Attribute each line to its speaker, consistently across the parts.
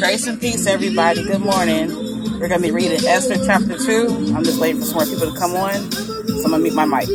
Speaker 1: Grace and peace, everybody. Good morning. We're going to be reading Esther chapter 2. I'm just waiting for some more people to come on. So I'm going to mute my mic.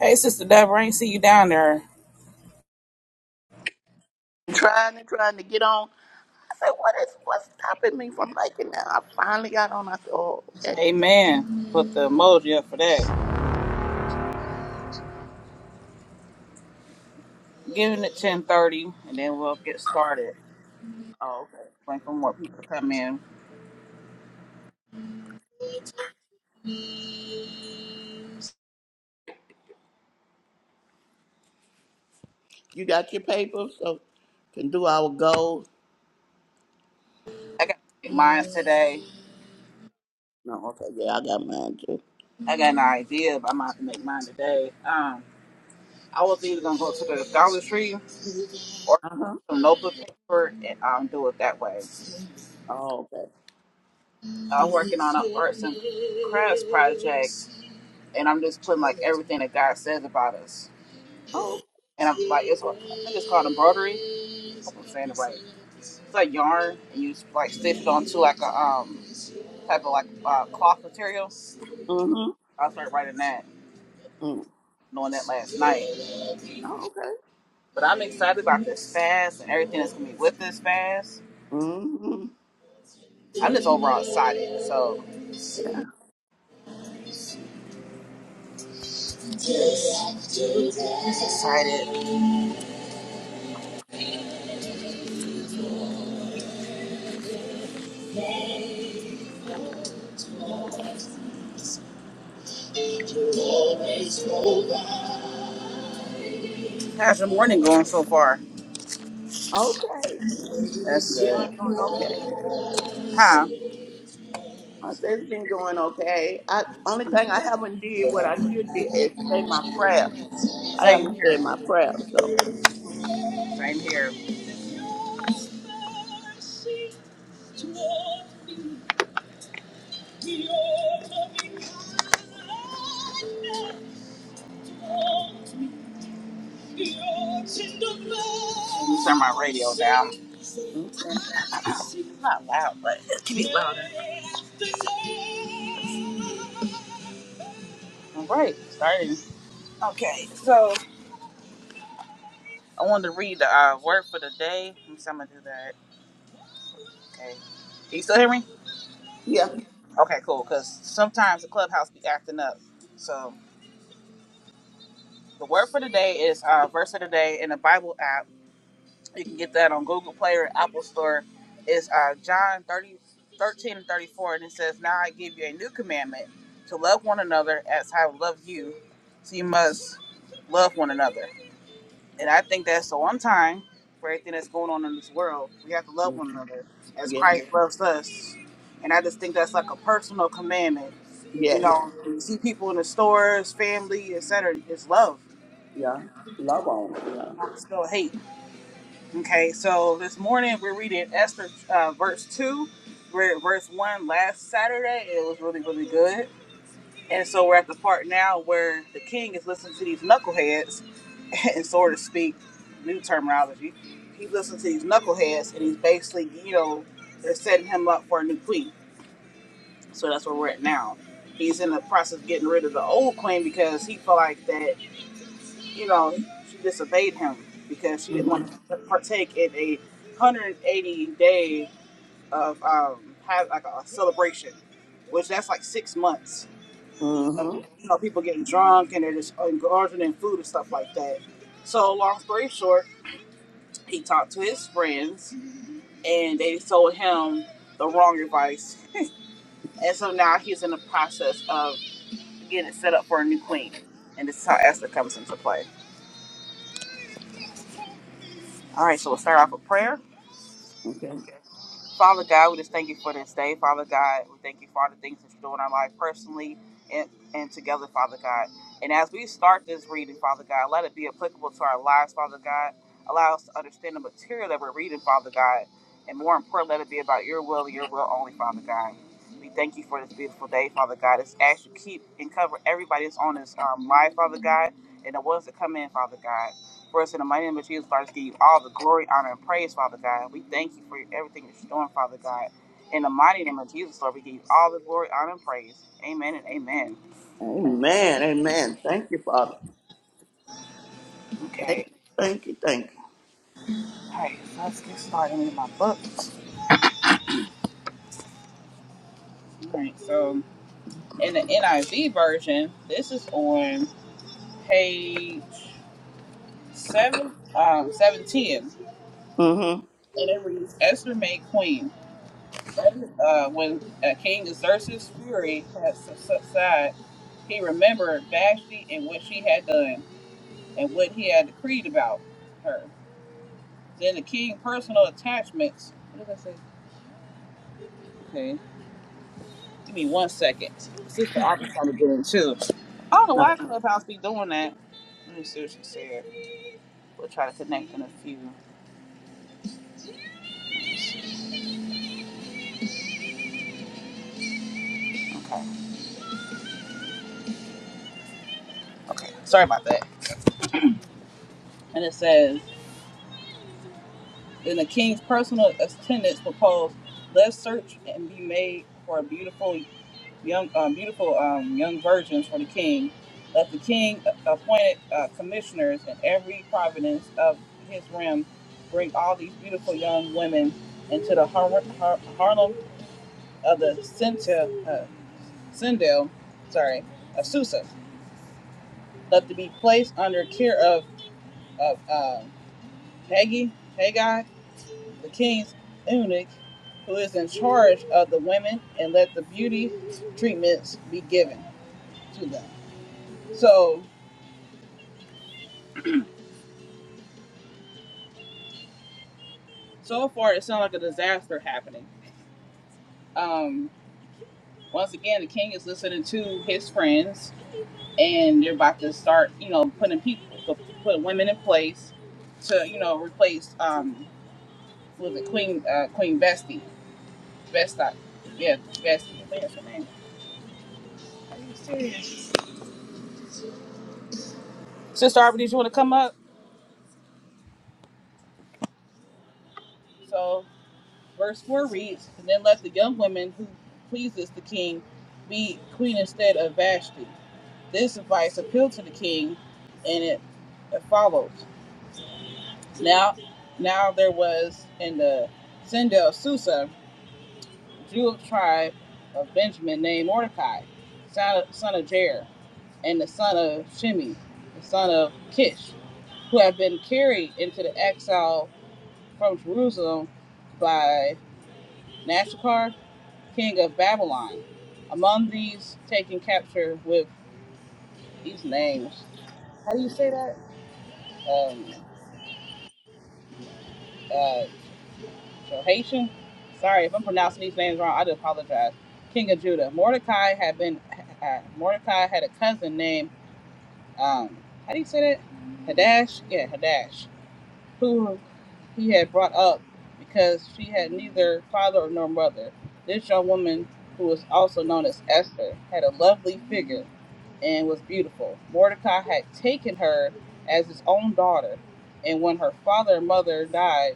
Speaker 1: Hey, Sister Deborah, I ain't see you down there.
Speaker 2: and trying and trying to get on. I said, what is what's stopping me from liking that? I finally got on. I said, oh, okay.
Speaker 1: Amen. Put the emoji up for that. Giving it 1030, and then we'll get started.
Speaker 2: Oh, okay.
Speaker 1: Waiting for more people to come in.
Speaker 2: You got your papers, so can do our goals.
Speaker 1: I got to make mine today.
Speaker 2: No, okay, yeah, I got mine too.
Speaker 1: I got an idea, but I'm going to have to make mine today. Um, I was either going to go to the Dollar Tree or
Speaker 2: Uh huh.
Speaker 1: some notebook paper and um, do it that way.
Speaker 2: Oh, okay.
Speaker 1: I'm working on an arts and crafts project, and I'm just putting like everything that God says about us.
Speaker 2: Oh.
Speaker 1: And I'm like, it's I think it's called embroidery. I hope I'm saying it right. It's like yarn, and you like stitch it onto like a um type of like uh, cloth material.
Speaker 2: Mm-hmm.
Speaker 1: I started writing that,
Speaker 2: Mm.
Speaker 1: knowing that last night.
Speaker 2: Oh, okay.
Speaker 1: But I'm excited about this fast and everything that's gonna be with this fast.
Speaker 2: Mm-hmm.
Speaker 1: I'm just overall excited. So excited. How's your morning going so far?
Speaker 2: Okay.
Speaker 1: That's
Speaker 2: You
Speaker 1: good.
Speaker 2: know, going okay.
Speaker 1: Huh.
Speaker 2: I said it's been going okay. I only thing I haven't did what I should do is say my prayers. I
Speaker 1: Same
Speaker 2: haven't
Speaker 1: here.
Speaker 2: said my prayers, so
Speaker 1: Same here. turn my radio down.
Speaker 2: okay.
Speaker 1: Not loud, but it can be louder. All right, starting. Okay, so I wanted to read the uh, word for the day. I'm just gonna do that. Okay. Can you still hear me?
Speaker 2: Yeah.
Speaker 1: Okay, cool. Because sometimes the clubhouse be acting up. So the word for the day is uh, verse of the day in the Bible app. You can get that on Google Play or Apple Store. Is uh, John 30 13 and 34. And it says, Now I give you a new commandment to love one another as I have loved you. So you must love one another. And I think that's so on time for everything that's going on in this world. We have to love
Speaker 2: Mm.
Speaker 1: one another as
Speaker 2: Yeah.
Speaker 1: Christ loves us. And I just think that's like a personal commandment. You
Speaker 2: Yes.
Speaker 1: know, you see people in the stores, family, etc. It's love.
Speaker 2: Yeah. Love on Yeah.
Speaker 1: Not still hate. Okay, so this morning we're reading Esther uh, verse 2. We're at verse 1 last Saturday. It was really, really good. And so we're at the part now where the king is listening to these knuckleheads, and so to speak, new terminology. He's listening to these knuckleheads, and he's basically, you know, they're setting him up for a new queen. So that's where we're at now. He's in the process of getting rid of the old queen because he felt like that, you know, she disobeyed him because she didn't want
Speaker 2: Mm-hmm.
Speaker 1: to partake in a 180 day of um, have like a celebration, which that's like six months of
Speaker 2: Mm-hmm.
Speaker 1: you know people getting drunk and they're just and ordering food and stuff like that. So long story short, he talked to his friends and they told him the wrong advice, and so now he's in the process of getting it set up for a new queen. And this is how Esther comes into play. All right, so we'll start off with prayer.
Speaker 2: Okay.
Speaker 1: Father God, we just thank you for this day. Father God, we thank you for all the things that you do in our life personally and, and together, Father God. And as we start this reading, Father God, let it be applicable to our lives, Father God. Allow us to understand the material that we're reading, Father God. And more important, let it be about your will and your will only, Father God. We thank you for this beautiful day, Father God. It's ask you keep and cover everybody that's on this um, live, Father God, and the ones that come in, Father God. For us in the mighty name of Jesus, Father, just give you all the glory, honor, and praise, Father God. We thank you for everything that you're doing, Father God. In the mighty name of Jesus, Lord, we give you all the glory, honor, and praise. Amen and amen.
Speaker 2: Amen. Amen. Thank you, Father. Thank
Speaker 1: Okay.
Speaker 2: you. Thank you. Thank
Speaker 1: All right, so let's get started with my books. All right, so in the NIV version, this is on page seven, um, 710,
Speaker 2: you. Mm-hmm.
Speaker 1: and it reads, Esther made queen. Uh, when uh, King Xerxes' fury had subsided, he remembered Vashti and what she had done and what he had decreed about her. Then the king personal attachments. What did I say? Okay, give me one second. Sister Aubrey's trying to get in too. I don't know why
Speaker 2: Okay.
Speaker 1: Clubhouse be doing that. Let me see what she said. We'll try to connect in a few. Okay, okay. Sorry about that. And it says, then the king's personal attendants proposed, let's search and be made for a beautiful young, um, beautiful um, young virgins for the king. Let the king appointed uh, commissioners in every province of his realm bring all these beautiful young women into the har- har- Harlem of the Sintel, uh, Sindel, sorry, of Susa. Let them be placed under care of, of um Hagi, Haggai, the king's eunuch, who is in charge of the women, and let the beauty treatments be given to them. So So far, it sounds like a disaster happening. Um, once again, the king is listening to his friends, and they're about to start, you know, putting people, putting women in place to, you know, replace um, was it Queen uh, Queen Bestie, Vesta, yeah, Bestie, I think that's her name. Sister Arbor, did you want to come up? So, verse four reads, and then let the young woman who pleases the king be queen instead of Vashti. This advice appealed to the king, and it it follows. Now, now there was in the Sindel of Susa, Jew of tribe of Benjamin, named Mordecai, son of, son of Jair, and the son of Shimi, the son of Kish, who had been carried into the exile from Jerusalem by Nashakar, king of Babylon. Among these taken capture with these names. How do you say that? Um, uh, So Haitian. Sorry if I'm pronouncing these names wrong. I do apologize. King of Judah. Mordecai had been. Uh, Mordecai had a cousin named. Um, how do you say that? Hadash. Yeah, Hadash. Who he had brought up because she had neither father nor mother. This young woman, who was also known as Esther, had a lovely figure and was beautiful. Mordecai had taken her as his own daughter, and when her father and mother died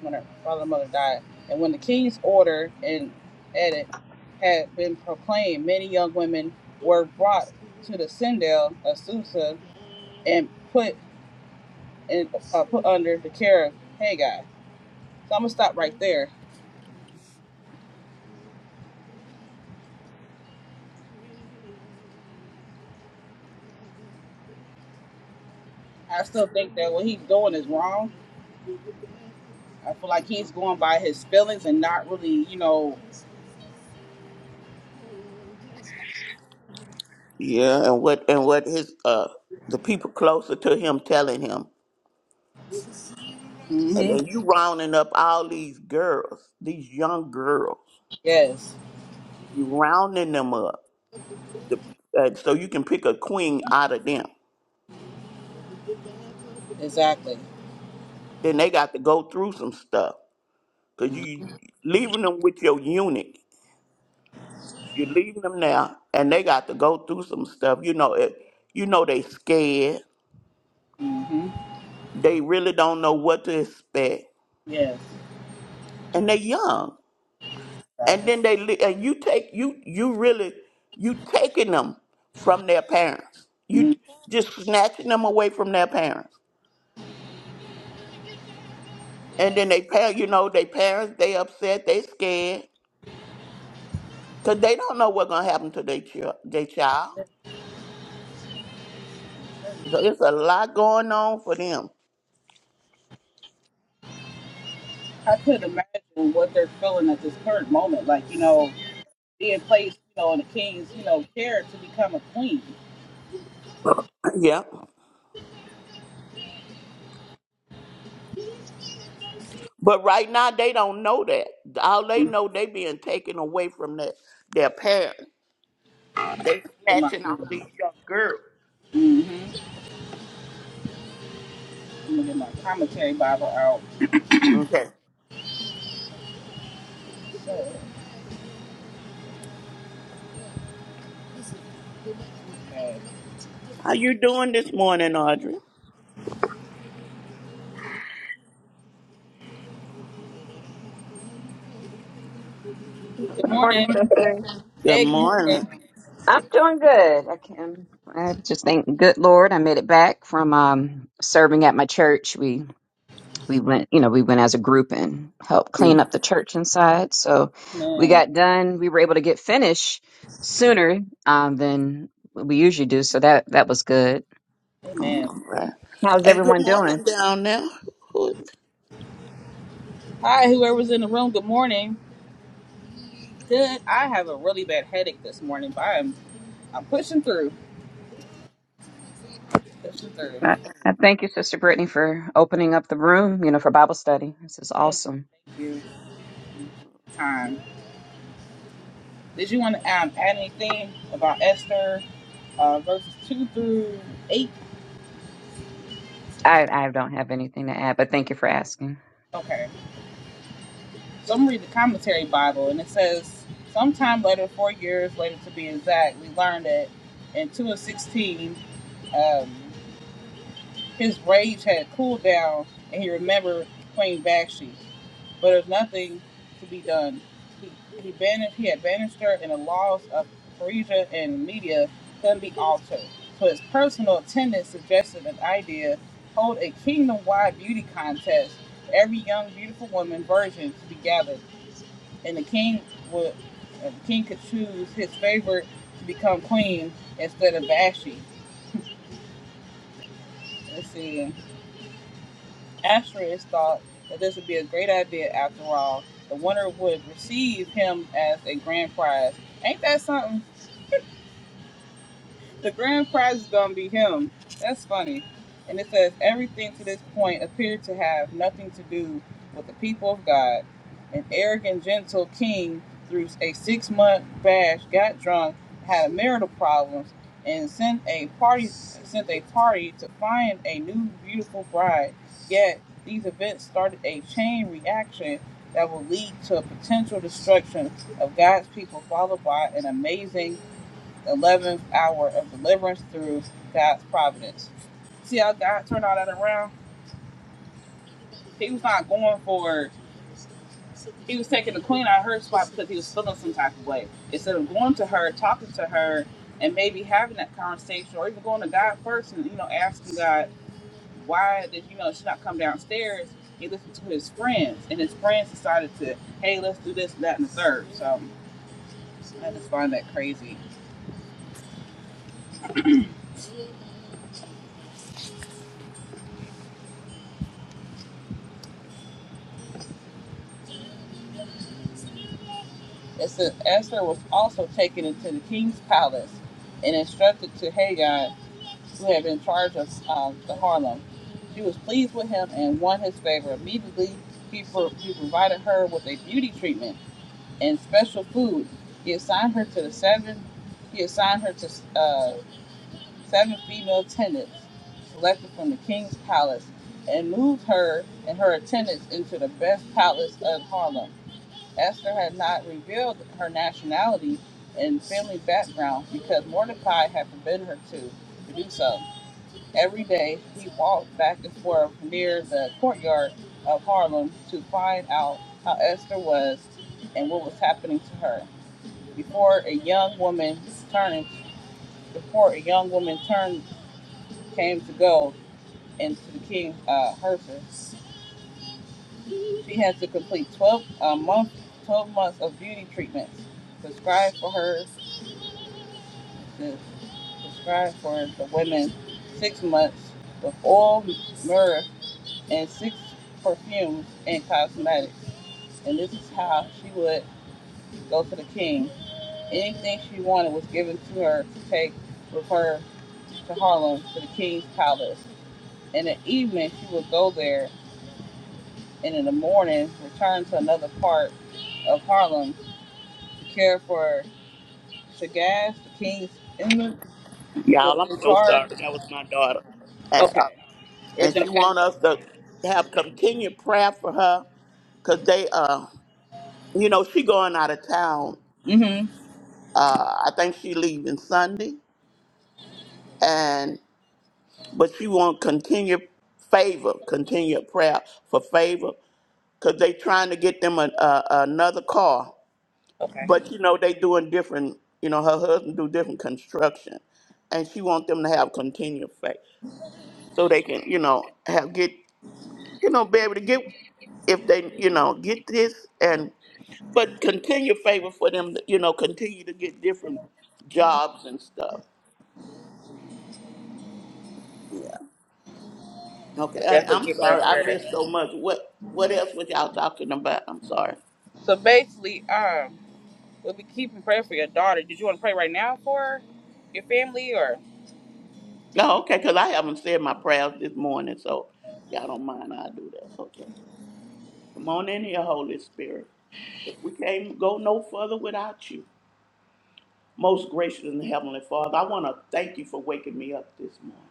Speaker 1: when her father and mother died. And when the king's order and edict had been proclaimed, many young women were brought to the citadel of Susa and put in, uh, put under the care of Haggai. So I'm gonna stop right there. I still think that what he's doing is wrong. I feel like he's going by his feelings and not really, you know.
Speaker 2: Yeah, and what and what his uh the people closer to him telling him. And
Speaker 1: hmm
Speaker 2: then you rounding up all these girls, these young girls.
Speaker 1: Yes,
Speaker 2: You rounding them up. The, uh, so you can pick a queen out of them.
Speaker 1: exactly.
Speaker 2: Then they got to go through some stuff. Cause you leaving them with your eunuch. You're leaving them now, and they got to go through some stuff. You know it. You know they scared.
Speaker 1: hmm
Speaker 2: They really don't know what to expect,
Speaker 1: Yes,
Speaker 2: and they young. And
Speaker 1: exactly.
Speaker 2: then they li- and you take you you really you taking them from their parents. You
Speaker 1: Mhm.
Speaker 2: just snatching them away from their parents, and then they parent. You know they parents. They upset. They scared because they don't know what's gonna happen to their child. Their child. So it's a lot going on for them.
Speaker 1: I could imagine what they're feeling at this current moment. Like you know, being placed, you know, in a king's, you know, care to become a queen.
Speaker 2: yeah. But right now they don't know that. All they
Speaker 1: Get
Speaker 2: know they being taken away from their their parents. They
Speaker 1: my,
Speaker 2: snatching all
Speaker 1: mm-hmm.
Speaker 2: these young girls.
Speaker 1: I'm gonna get my commentary Bible out.
Speaker 2: Okay.
Speaker 1: Okay.
Speaker 2: How you doing this morning, Audrey?
Speaker 1: Good
Speaker 3: Morning,
Speaker 1: morning.
Speaker 3: sister.
Speaker 2: Good
Speaker 1: Hey, good
Speaker 2: morning.
Speaker 1: morning.
Speaker 3: I'm doing good. I can. I just thank good Lord I made it back from um, serving at my church. We we went, you know, we went as a group and helped clean up the church inside. So we
Speaker 1: Man,
Speaker 3: got done. We were able to get finished sooner um, than we usually do. So that that was good.
Speaker 1: amen.
Speaker 2: All right.
Speaker 3: How's
Speaker 2: And good
Speaker 3: everyone doing?
Speaker 2: morning down there. Who-
Speaker 1: Hi, whoever's in the room. Good morning. Good. I have a really bad headache this morning, but I'm I'm pushing through. Pushing through.
Speaker 3: I, I thank you, Sister Brittany, for opening up the room. You know, for Bible study. This is
Speaker 1: Amen.
Speaker 3: awesome.
Speaker 1: Thank you. Time. Did you want to um, add anything about Esther uh, verses two through eight?
Speaker 3: I I don't have anything to add, but thank you for asking.
Speaker 1: Okay. So I'm reading the commentary Bible, and it says, sometime later, four years later to be exact, we learned that in 2 and 16, um, his rage had cooled down, and he remembered Queen Bakshi. But there's nothing to be done. He, he banished, he had banished her, and the laws of Persia and Media couldn't be altered. So his personal attendant suggested an idea: hold a kingdom-wide beauty contest. Every young, beautiful woman virgin to be gathered and the king would uh, the king could choose his favorite to become queen instead of Vashti. Let's see. Asterisk thought that this would be a great idea after all. The winner would receive him as a grand prize. Ain't that something? The grand prize is gonna be him. That's funny. And it says everything to this point appeared to have nothing to do with the people of God. An arrogant, gentle king through a six-month bash got drunk, had marital problems, and sent a party sent a party to find a new beautiful bride. Yet these events started a chain reaction that will lead to a potential destruction of God's people, followed by an amazing 11th hour of deliverance through God's providence. See how God turned all that around? He was not going for, he was taking the queen out of her spot because he was feeling some type of way. Instead of going to her, talking to her, and maybe having that conversation or even going to God first and, you know, asking God, why did, you know, she not come downstairs? He listened to his friends, and his friends decided to, hey, let's do this, that, and the third. So I just find that crazy. It says Esther was also taken into the king's palace and instructed to Hagai, who had been in charge of um, the Harlem. She was pleased with him and won his favor. Immediately, he, pro- he provided her with a beauty treatment and special food. He assigned her to the seven. He assigned her to uh, seven female attendants selected from the king's palace, and moved her and her attendants into the best palace of Harlem. Esther had not revealed her nationality and family background because Mordecai had forbidden her to, to do so. Every day, he walked back and forth near the courtyard of Harlem to find out how Esther was and what was happening to her. Before a young woman turned, before a young woman turned came to go into the king uh, Hersus, she had to complete 12 uh, month, 12 months of beauty treatments prescribed for her is prescribed for the women six months with all myrrh and six perfumes and cosmetics. And this is how she would go to the king. Anything she wanted was given to her to take with her to Harlem to the king's palace. In the evening, she would go there, and in the morning, return to another part of Harlem to care for Shagaz, the king's inmate, who was
Speaker 2: Y'all, I'm
Speaker 1: in
Speaker 2: so
Speaker 1: charge.
Speaker 2: sorry. That was my daughter. And, uh,
Speaker 1: Okay.
Speaker 2: and
Speaker 1: Everything
Speaker 2: she
Speaker 1: okay?
Speaker 2: want us to have continued prayer for her because they, uh, you know, she going out of town.
Speaker 1: Mm-hmm.
Speaker 2: Uh, I think she leaving Sunday. but she want continued favor, continued prayer for favor, because they trying to get them a, a, another car.
Speaker 1: Okay.
Speaker 2: But you know they doing different. You know her husband do different construction, and she want them to have continued faith so they can you know have get you know be able to get if they you know get this and but continue favor for them to, you know continue to get different jobs and stuff. Okay, and
Speaker 1: Definitely
Speaker 2: I'm
Speaker 1: keep her in
Speaker 2: sorry I missed
Speaker 1: prayer.
Speaker 2: so much. What what else was y'all talking about? I'm sorry.
Speaker 1: So basically, um, we'll be keeping prayer for your daughter. Did you want to pray right now for your family or?
Speaker 2: No, okay, because I haven't said my prayers this morning, so y'all don't mind I'll do that. Okay. Come on in here, Holy Spirit. 'cause we can't go no further without you. Most gracious and heavenly Father, I want to thank you for waking me up this morning.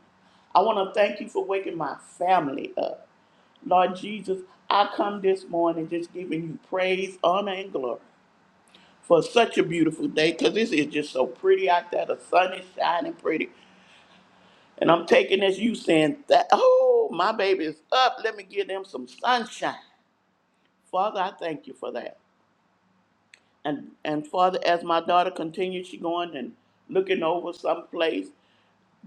Speaker 2: I want to thank you for waking my family up. Lord Jesus, I come this morning just giving you praise, honor, and glory for such a beautiful day because this is just so pretty out there. The sun is shining pretty. And I'm taking this you saying that, oh, my baby is up. Let me give them some sunshine. Father, I thank you for that. And and Father, as my daughter continues, she going and looking over someplace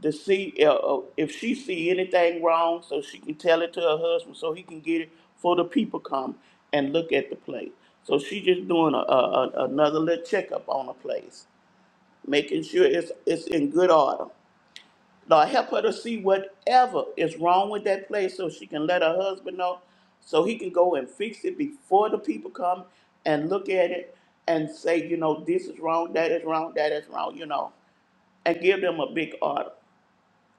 Speaker 2: to see uh, uh, if she see anything wrong so she can tell it to her husband so he can get it for the people come and look at the place. So she just doing a, a, a- another little checkup on the place, making sure it's, it's in good order. Lord, help her to see whatever is wrong with that place so she can let her husband know so he can go and fix it before the people come and look at it and say, you know, this is wrong, that is wrong, that is wrong, you know, and give them a big order.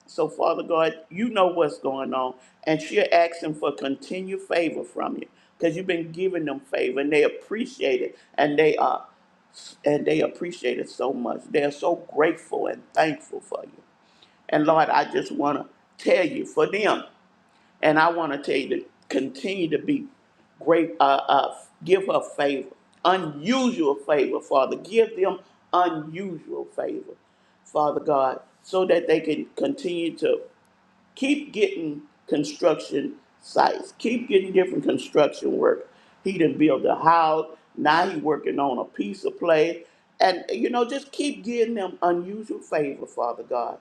Speaker 2: So, Father God, you know what's going on, and she're asking for continued favor from you because you've been giving them favor and they appreciate it and they are and they appreciate it so much. They're so grateful and thankful for you. And Lord, I just want to tell you for them. And I want to tell you to continue to be great, uh, uh, give her favor, unusual favor, Father. Give them unusual favor, Father God, so that they can continue to keep getting construction sites, keep getting different construction work. He done built a house. Now he working on a piece of play. And, you know, just keep giving them unusual favor, Father God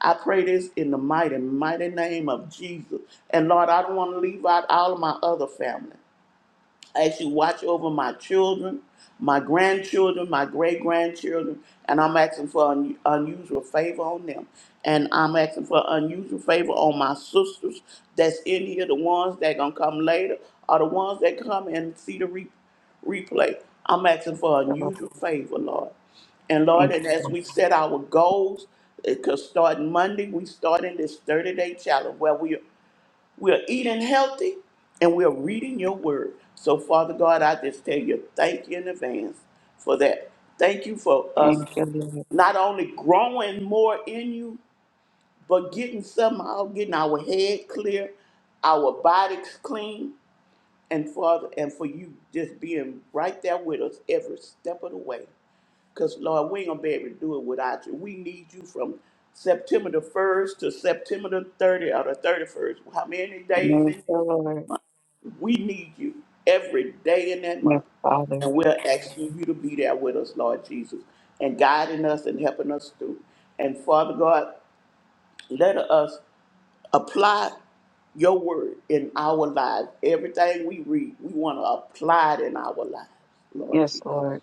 Speaker 2: I pray this in the mighty, mighty name of Jesus. And Lord, I don't want to leave out all of my other family as you watch over my children, my grandchildren, my great grandchildren, and I'm asking for un- unusual favor on them. And I'm asking for unusual favor on my sisters that's in here, the ones that gonna come later, or the ones that come and see the re- replay. I'm asking for unusual favor, Lord. And Lord,
Speaker 3: Thank you,
Speaker 2: and as
Speaker 3: Lord.
Speaker 2: we set our goals, because starting Monday, we starting this 30 day challenge where we we're eating healthy and we're reading your word. So, Father God, I just tell you thank you in advance for that. Thank you for us
Speaker 3: Thank you, Lord.
Speaker 2: not only growing more in you, but getting somehow getting our head clear, our bodies clean, and Father, and for you just being right there with us every step of the way. Because Lord, we ain't gonna be able to do it without you. We need you from September the first to September the 30th or the 31st. How many days
Speaker 3: Thank
Speaker 2: in
Speaker 3: you, Lord.
Speaker 2: we need you every day in that
Speaker 3: Yes,
Speaker 2: month.
Speaker 3: Father.
Speaker 2: And we're asking you to be there with us, Lord Jesus, and guiding us and helping us through. And Father God, let us apply your word in our lives. Everything we read, we want to apply it in our lives, Lord
Speaker 3: Yes,
Speaker 2: Jesus.
Speaker 3: Lord.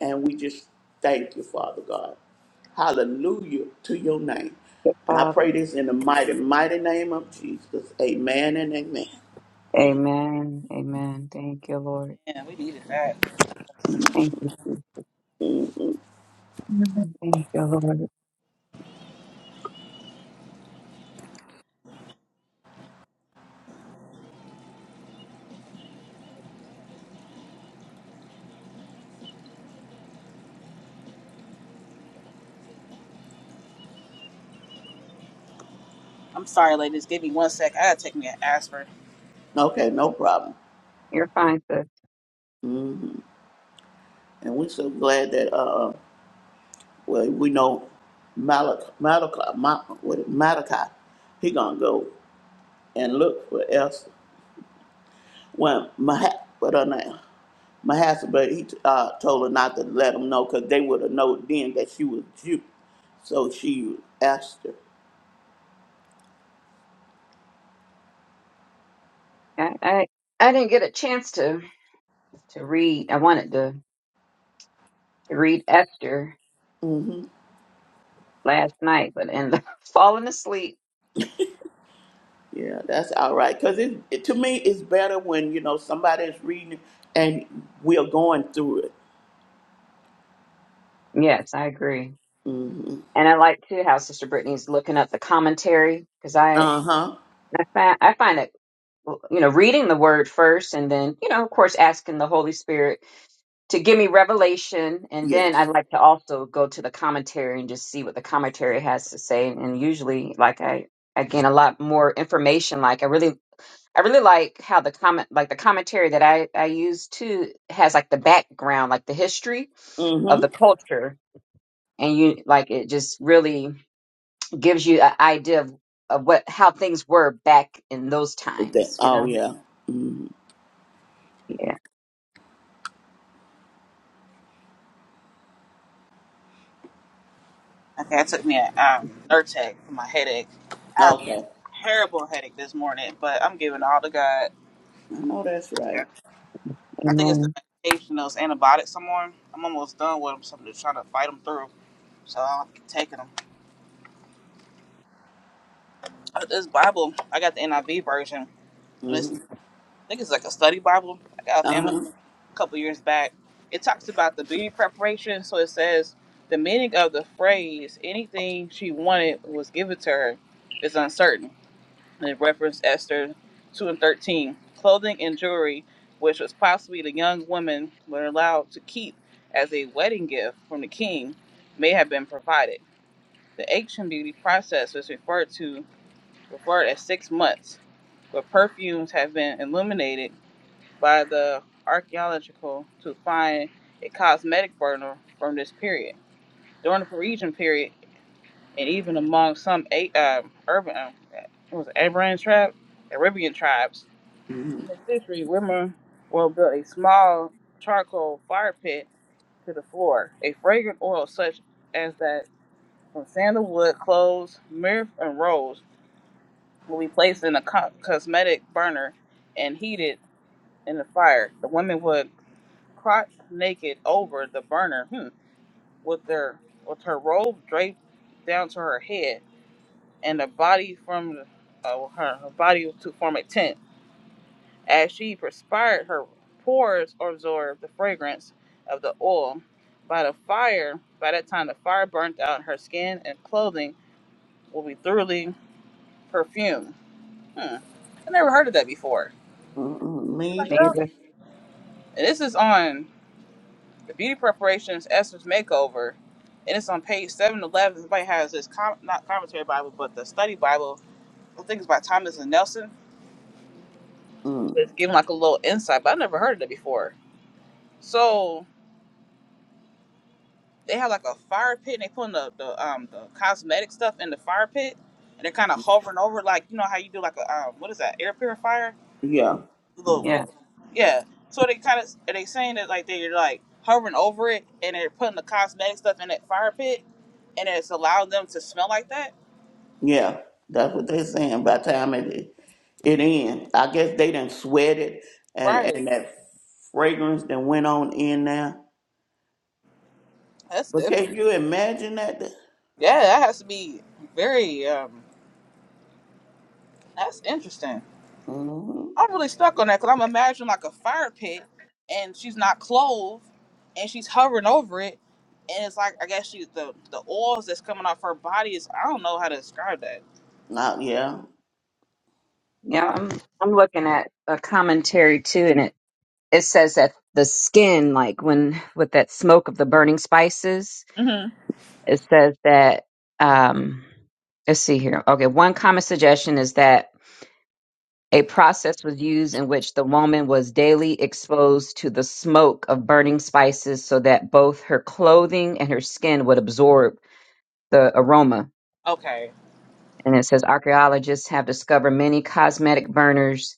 Speaker 2: And we just thank you, Father God. Hallelujah to your name.
Speaker 3: Yes,
Speaker 2: And I pray
Speaker 3: Father.
Speaker 2: this in the mighty, mighty name of Jesus. Amen and amen.
Speaker 1: Amen.
Speaker 3: Amen. Amen. Thank you, Lord.
Speaker 1: We
Speaker 3: Thank
Speaker 1: needed
Speaker 3: you, Jesus.
Speaker 1: that.
Speaker 3: Thank you, Jesus. Mm. Thank you, Lord.
Speaker 1: I'm sorry, ladies. Give me one sec. I gotta take me an aspirin.
Speaker 2: Okay, no problem.
Speaker 3: You're fine, sis.
Speaker 2: And we're so glad that, uh, well, we know Malachi, Malachi, Ma, what is- Malachi, he gonna go and look for Esther. When Mah, what her name, Mahasabah, he uh, told her not to let him know because they would have known then that she was Jew. So she asked her.
Speaker 3: I, I, I didn't get a chance to, to read. I wanted to, to read Esther
Speaker 2: hmm
Speaker 3: last night, but ended up falling asleep.
Speaker 2: Yeah, that's all right. Because it, it, to me, it's better when, you know, somebody's reading it and we're going through it.
Speaker 3: Yes, I agree.
Speaker 2: hmm
Speaker 3: And I like too how Sister Brittany's looking up the commentary because I,
Speaker 2: Uh-huh.
Speaker 3: I find I find it well, you know, reading the word first and then, you know, of course, asking the Holy Spirit to give me revelation. And
Speaker 2: Yes.
Speaker 3: then I'd like to also go to the commentary and just see what the commentary has to say. And usually, like, I, I gain a lot more information. Like, I really, I really like how the comment, like the commentary that I, I use too has like the background, like the history of the
Speaker 2: Mm-hmm.
Speaker 3: culture. And you, like, it just really gives you an idea of, of what, how things were back in those
Speaker 2: Is that,
Speaker 3: times, you
Speaker 2: oh,
Speaker 3: know?
Speaker 2: yeah. Mm-hmm.
Speaker 3: Yeah.
Speaker 1: Okay, I took me a um, Nurtec for my headache. I have a
Speaker 2: Okay.
Speaker 1: terrible headache this morning, but I'm giving all to God.
Speaker 2: I know that's
Speaker 1: Okay.
Speaker 2: right.
Speaker 1: I think it's the
Speaker 3: Amen.
Speaker 1: medication, those antibiotics I'm on. I'm almost done with them, so I'm just trying to fight them through. So I'm taking them. This Bible, I got the NIV version. and it's.
Speaker 2: Mm-hmm.
Speaker 1: think it's like a study Bible I got off Amazon
Speaker 2: Uh-huh.
Speaker 1: a couple years back. It talks about the beauty preparation. So it says the meaning of the phrase "anything she wanted was given to her" is uncertain. And it referenced Esther two and thirteen. Clothing and jewelry, which was possibly the young women were allowed to keep as a wedding gift from the king, may have been provided. The ancient beauty process was referred to referred as six months, where perfumes have been illuminated by the archaeological to find a cosmetic burner from this period. During the Parisian period, and even among some eight, uh, urban, uh, what was Arabian tribe, Arabian tribes,
Speaker 2: Mm-hmm.
Speaker 1: in the century, women will build a small charcoal fire pit to the floor. A fragrant oil such as that from sandalwood, cloves, myrrh, and rose will be placed in a co- cosmetic burner and heated in the fire. The women would crotch naked over the burner, hmm, with her with her robe draped down to her head and a body from uh, well, her, her body to form a tent. As she perspired, her pores absorbed the fragrance of the oil. By the fire, by that time the fire burnt out, her skin and clothing will be thoroughly perfumed. Hmm. I never heard of that before.
Speaker 2: Mm-mm. Me?
Speaker 1: Anybody else?
Speaker 3: Neither.
Speaker 1: And this is on. The beauty preparation is Esther's makeover, and it's on page seven eleven. Somebody has this com- not commentary Bible, but the study Bible. I think it's by Thomas and Nelson.
Speaker 2: Mm-mm.
Speaker 1: It's giving like a little insight, but I never heard of it before. So they have like a fire pit, and they putting the, the um the cosmetic stuff in the fire pit, and they're kind of hovering over like you know how you do like a um, what is that air purifier?
Speaker 2: Yeah.
Speaker 3: Yeah.
Speaker 1: little yeah so they kind of are they saying that like they're like hovering over it and they're putting the cosmetic stuff in that fire pit and it's allowing them to smell like that
Speaker 2: Yeah. That's what they're saying. By the time it it ends, I guess they done sweated and,
Speaker 1: right
Speaker 2: and that fragrance that went on in there.
Speaker 1: that's
Speaker 2: But can
Speaker 1: different
Speaker 2: you imagine that?
Speaker 1: yeah that has to be very um that's interesting
Speaker 2: Mm-hmm.
Speaker 1: i'm really stuck on that because i'm imagining like a fire pit and she's not clothed and she's hovering over it and it's like i guess she the the oils that's coming off her body is i don't know how to describe that
Speaker 2: Not, yeah.
Speaker 3: Yeah. I'm I'm looking at a commentary too, and it it says that the skin, like when with that smoke of the burning spices,
Speaker 1: hmm
Speaker 3: it says that um let's see here. Okay, one common suggestion is that a process was used in which the woman was daily exposed to the smoke of burning spices so that both her clothing and her skin would absorb the aroma.
Speaker 1: okay
Speaker 3: And it says archaeologists have discovered many cosmetic burners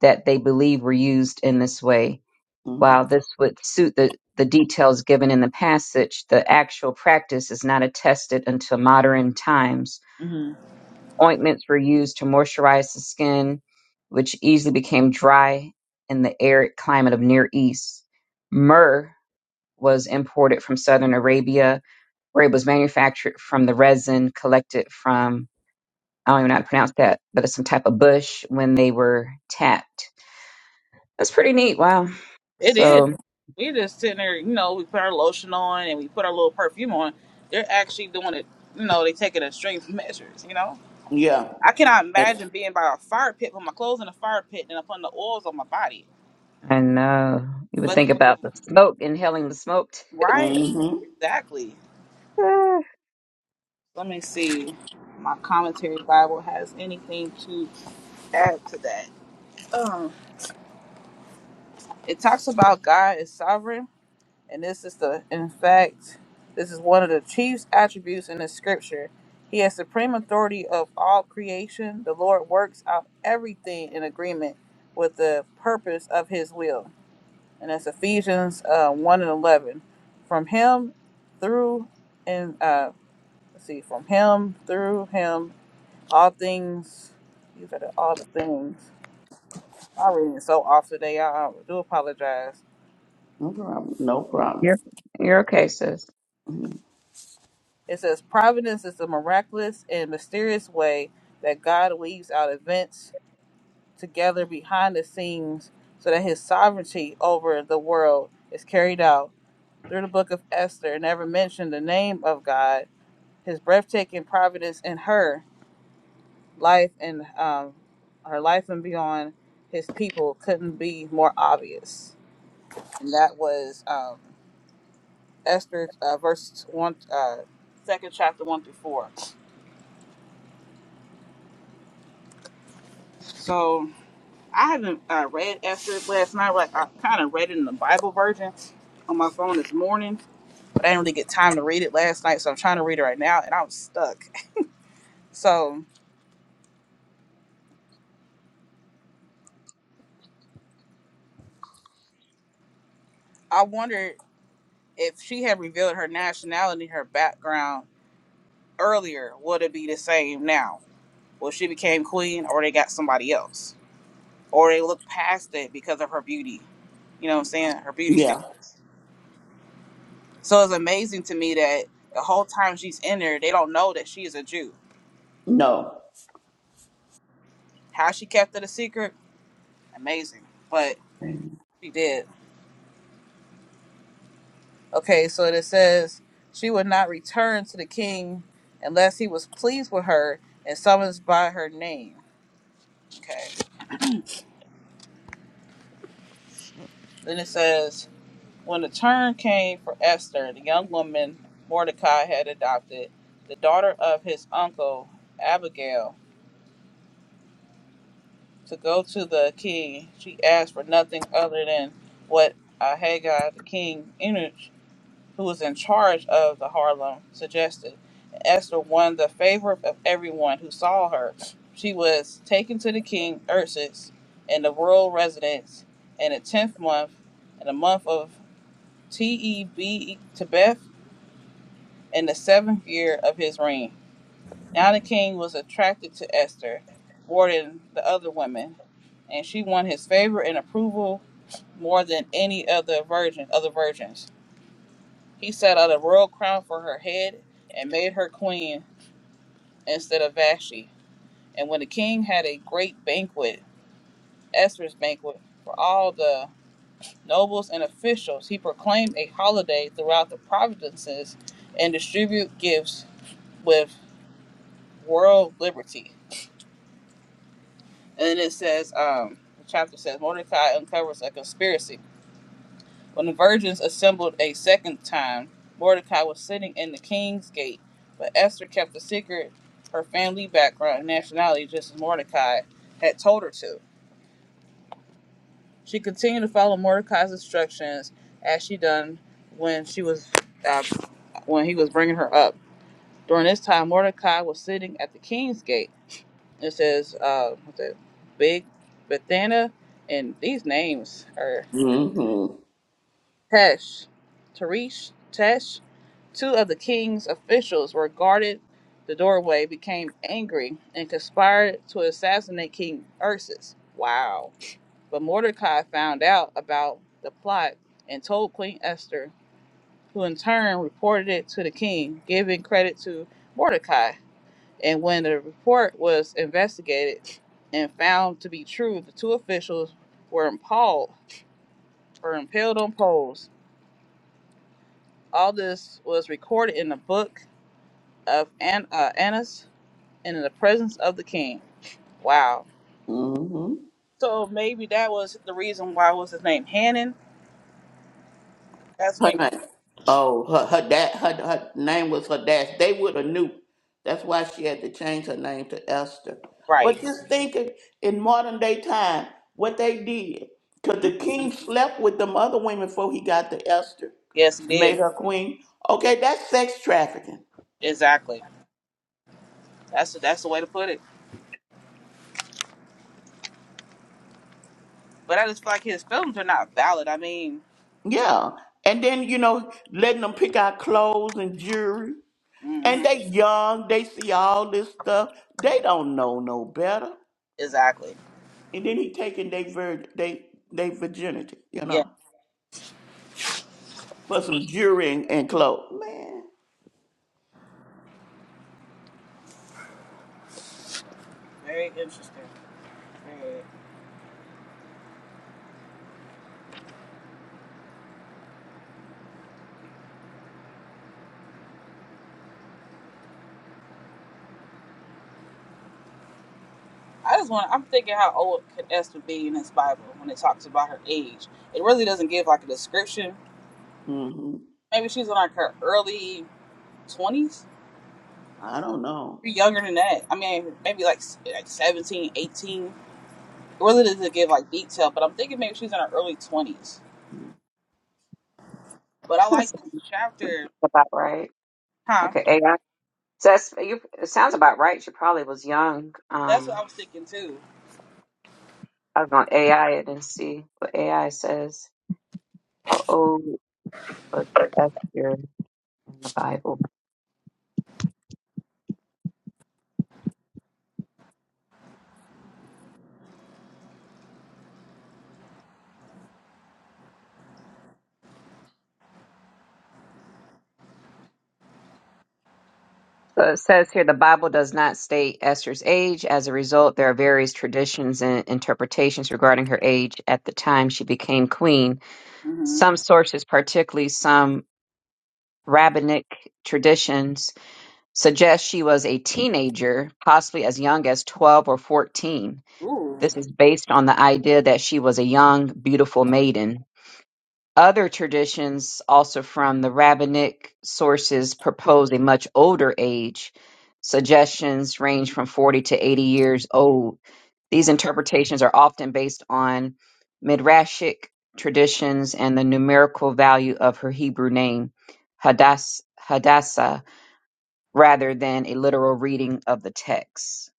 Speaker 3: that they believe were used in this way.
Speaker 2: Mm-hmm.
Speaker 3: While this would suit the, the details given in the passage, the actual practice is not attested until modern times.
Speaker 1: Mm-hmm.
Speaker 3: Ointments were used to moisturize the skin, which easily became dry in the arid climate of Near East. Myrrh was imported from southern Arabia, where it was manufactured from the resin collected from, I don't even know how to pronounce that, but it's some type of bush when they were tapped That's pretty neat. Wow.
Speaker 1: It is.
Speaker 3: So,
Speaker 2: Mm-hmm.
Speaker 1: We just sitting there, you know, we put our lotion on and we put our little perfume on. They're actually doing it, you know, they taking extreme measures, you know?
Speaker 2: Yeah.
Speaker 1: I cannot imagine being by a fire pit, put my clothes in a fire pit and putting the oils on my body.
Speaker 3: and uh, you would
Speaker 1: But,
Speaker 2: Mm-hmm.
Speaker 3: think about the smoke, inhaling the smoke.
Speaker 1: right,
Speaker 2: Mm-hmm.
Speaker 1: exactly.
Speaker 3: Ah,
Speaker 1: Let me see. My commentary Bible has anything to add to that. Um, it talks about God is sovereign And this is the, in fact, this is one of the chief's attributes in the scripture. He has supreme authority of all creation. The Lord works out everything in agreement with the purpose of his will. And that's Ephesians uh, 1 and 11. From him through, and uh, let's see, from him through him, all things, these are the, all the things. My reading so off today. I, I do apologize.
Speaker 2: No problem. No problem.
Speaker 3: you're you're okay, sis.
Speaker 2: Mm-hmm.
Speaker 1: It says providence is the miraculous and mysterious way that God weaves out events together behind the scenes so that his sovereignty over the world is carried out. Through the book of Esther, never mentioned the name of God, his breathtaking providence in her life and um, her life and beyond his people couldn't be more obvious. And that was um, Esther uh, verse one, uh, second chapter one through four. So I haven't uh, read Esther last night. Like I kind of read it in the Bible version on my phone this morning, but I didn't really get time to read it last night, so I'm trying to read it right now, and I'm stuck. So I wondered if she had revealed her nationality, her background earlier, would it be the same now? Well, she became queen, or they got somebody else, or they looked past it because of her beauty. You know what I'm saying? Her beauty
Speaker 2: Yeah.
Speaker 1: standards. So it's amazing to me that the whole time she's in there, they don't know that she is a Jew
Speaker 2: No.
Speaker 1: How she kept it a secret, amazing. But
Speaker 2: Mm-hmm.
Speaker 1: she did. Okay, so it says she would not return to the king unless he was pleased with her and summons by her name. Okay. Then it says when the turn came for Esther, the young woman Mordecai had adopted, the daughter of his uncle Abigail, to go to the king, she asked for nothing other than what Ahaggai the king who was in charge of the Harlem, suggested. Esther won the favor of everyone who saw her. She was taken to the king, Ursus, and the royal residence in the tenth month, in the month of T-E-B, Tebeth, in the seventh year of his reign. Now the king was attracted to Esther more than the other women, and she won his favor and approval more than any other virgin, other virgins. He set out a royal crown for her head and made her queen instead of Vashti. And when the king had a great banquet, Esther's banquet, for all the nobles and officials, he proclaimed a holiday throughout the provinces and distribute gifts with world liberty. And it says, um, the chapter says, Mordecai uncovers a conspiracy. When the virgins assembled a second time, Mordecai was sitting in the king's gate, but Esther kept a secret her family background and nationality just as Mordecai had told her to. She continued to follow Mordecai's instructions as she done when she was uh, when he was bringing her up. During this time, Mordecai was sitting at the king's gate. It says, uh, what's it, Big Bethana, and these names are Tesh, Teresh, Tesh. Two of the king's officials were guarded the doorway, became angry, and conspired to assassinate King Ursus. Wow. But Mordecai found out about the plot and told Queen Esther, who in turn reported it to the king, giving credit to Mordecai. And when the report was investigated and found to be true, the two officials were impaled Were impaled on poles. All this was recorded in the book of An- uh, Annas and in the presence of the king. Wow.
Speaker 2: Mm-hmm.
Speaker 1: So maybe that was the reason why was his name Hannon. That's
Speaker 2: Her
Speaker 1: me,
Speaker 2: name. Oh, her her dad. Her, her name was her dad. They would have knew. That's why she had to change her name to Esther. But
Speaker 1: right?
Speaker 2: just thinking in modern day time, what they did, because
Speaker 1: hmm
Speaker 2: the king slept with them other women before he got to Esther,
Speaker 1: Yes, he did.
Speaker 2: made her queen. Okay, that's sex trafficking.
Speaker 1: Exactly. That's that's the way to put it. But I just feel like his films are not valid. I mean,
Speaker 2: Yeah, and then you know letting them pick out clothes and jewelry, and
Speaker 1: hmm
Speaker 2: they young. They see all this stuff. They don't know no better.
Speaker 1: exactly.
Speaker 2: and then he taking their vir they they virginity, you
Speaker 1: Yeah,
Speaker 2: know, for some jewelry and, and clothes. Man,
Speaker 1: very interesting. I just want. I'm thinking how old could Esther be in this Bible when it talks about her age. It really doesn't give like a description.
Speaker 2: hmm
Speaker 1: Maybe she's in like her early twenties.
Speaker 2: I don't know.
Speaker 1: Younger than that. I mean, maybe like s- like 17, eighteen. It does not give like detail, but I'm thinking maybe she's in her early 20s. But I
Speaker 3: That's
Speaker 1: like this chapter,
Speaker 3: about right.
Speaker 1: huh?
Speaker 3: Okay, AI. So that's you. It sounds about right. She probably was young.
Speaker 1: That's what
Speaker 3: Um,
Speaker 1: I was thinking too.
Speaker 3: I was going to AI it and see what AI says. How old was Esther in the Bible? So it says here the Bible does not state Esther's age. As a result, there are various traditions and interpretations regarding her age at the time she became queen
Speaker 1: hmm
Speaker 3: Some sources, particularly some rabbinic traditions, suggest she was a teenager, possibly as young as 12 or 14.
Speaker 1: Ooh,
Speaker 3: This is based on the idea that she was a young, beautiful maiden. Other traditions, also from the rabbinic sources, propose a much older age. Suggestions range from 40 to 80 years old. These interpretations are often based on Midrashic traditions and the numerical value of her Hebrew name, Hadass, Hadassah, rather than a literal reading of the text.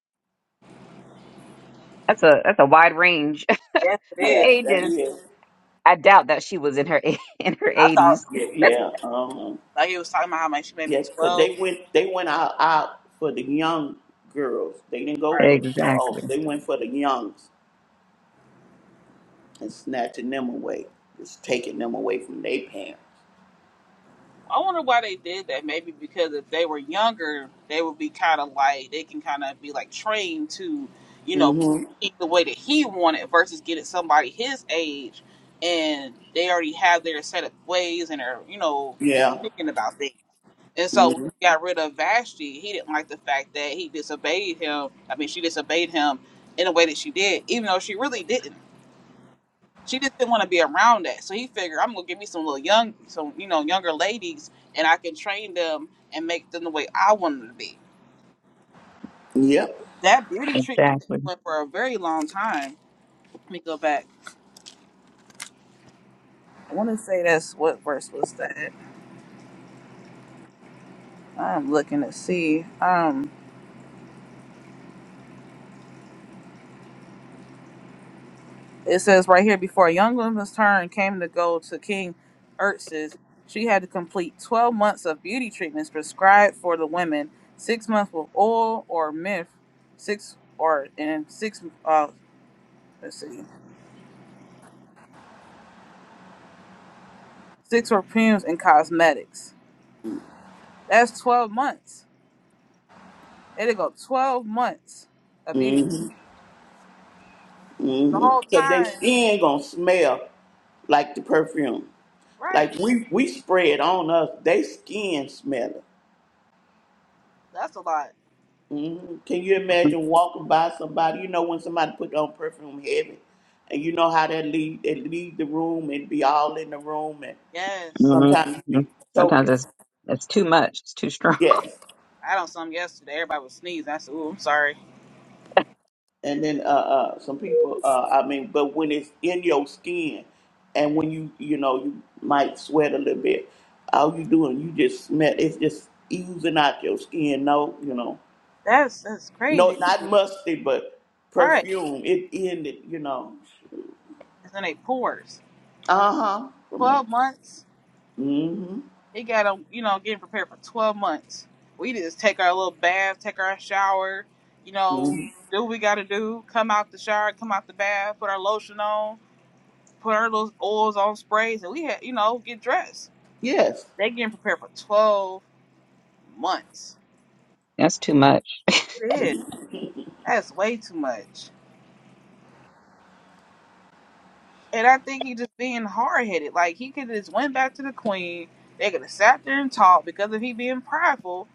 Speaker 3: That's a that's a wide range of
Speaker 1: yes, it is.
Speaker 2: Yes, that
Speaker 3: ages.
Speaker 2: is.
Speaker 3: I doubt that she was in her in her
Speaker 1: I
Speaker 3: 80s.
Speaker 1: thought
Speaker 2: Yeah, yeah, um,
Speaker 1: like he was talking about how much she made me
Speaker 2: yeah. Cause they
Speaker 1: 12.
Speaker 2: went they went out out for the young girls. They didn't go
Speaker 1: right?
Speaker 2: for no old.
Speaker 3: Exactly.
Speaker 2: They went for the youngs and snatching them away, just taking them away from their parents.
Speaker 1: I wonder why they did that. Maybe because if they were younger, they would be kind of like they can kind of be like trained to, you know,
Speaker 2: hmm
Speaker 1: eat the way that he wanted versus getting somebody his age, and they already have their set of ways and are you know
Speaker 2: Yeah.
Speaker 1: thinking about things. And so when
Speaker 2: hmm
Speaker 1: he got rid of Vashti, he didn't like the fact that he disobeyed him. I mean, she disobeyed him in a way that she did, even though she really didn't. She just didn't want to be around that. So he figured I'm gonna give me some little young some you know, younger ladies and I can train them and make them the way I want them to be.
Speaker 2: Yep.
Speaker 1: That beauty treatment thing
Speaker 3: Exactly.
Speaker 1: went for a very long time. Let me go back. I wanna say that's what verse was that? I'm looking to see. Um. It says right here before a young woman's turn came to go to King Ertz's, she had to complete 12 months of beauty treatments prescribed for the women, six months with oil or myth, six or and six uh let's see, six perfumes and cosmetics. That's 12 months. There they go, 12 months of beauty treatments.
Speaker 2: hmm
Speaker 1: The
Speaker 2: hmm
Speaker 1: whole
Speaker 2: Cause they
Speaker 1: time,
Speaker 2: skin gonna smell like the perfume. Like
Speaker 1: right?
Speaker 2: we we spread on us, they skin smelling.
Speaker 1: That's a lot.
Speaker 2: Mhm. Can you
Speaker 3: hmm
Speaker 2: imagine walking by somebody? You know when somebody put on perfume heavy, and you know how that leave they leave the room and be all in the room, and
Speaker 1: Yes,
Speaker 2: sometimes you be
Speaker 3: Sometimes
Speaker 2: choking.
Speaker 3: it's it's too much. It's too strong.
Speaker 2: Yes,
Speaker 1: I done some yesterday. Everybody was sneezing. I said, "Ooh, I'm sorry."
Speaker 2: and then uh, uh some people uh I mean, but when it's in your skin, and when you you know you might sweat a little bit, all you doing you just smell it's just oozing out your skin. No, you know.
Speaker 1: That's that's
Speaker 2: No,
Speaker 1: crazy.
Speaker 2: not musty, but
Speaker 1: Right.
Speaker 2: perfume. It ended, you know.
Speaker 1: is in their pores.
Speaker 2: Uh huh. From that.
Speaker 1: Twelve months.
Speaker 2: Mm hmm.
Speaker 1: They got to you know getting prepared for twelve months. We just take our little bath, take our shower, you know,
Speaker 2: Mm-hmm.
Speaker 1: do what we got to do. Come out the shower, come out the bath, put our lotion on, put our little oils on sprays, and we had you know get dressed.
Speaker 2: Yes.
Speaker 1: They getting prepared for twelve months.
Speaker 3: That's too much.
Speaker 1: It is. That's way too much. And I think he just being hard headed. Like he could have just went back to the queen. They could have sat there and talked because of he being prideful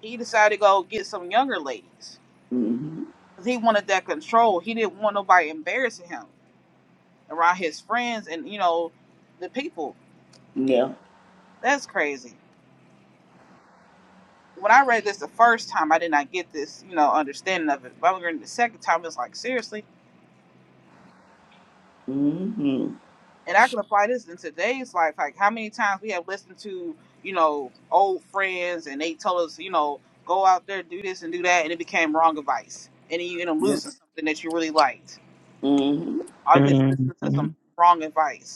Speaker 1: he decided to go get some younger ladies
Speaker 2: Mm hmm.
Speaker 1: because he wanted that control. He didn't want nobody embarrassing him around his friends and you know the people.
Speaker 2: Yeah.
Speaker 1: That's crazy. When I read this the first time, I did not get this you know understanding of it. But when I read it the second time, it's like seriously,
Speaker 2: Mm hmm.
Speaker 1: and I can apply this in today's life. Like how many times we have listened to you know old friends and they told us you know go out there do this and do that, and it became wrong advice, and then you end up
Speaker 2: Yeah.
Speaker 1: losing something that you really liked
Speaker 2: Mm hmm.
Speaker 1: all because you
Speaker 3: Mhm.
Speaker 1: listened to some wrong advice.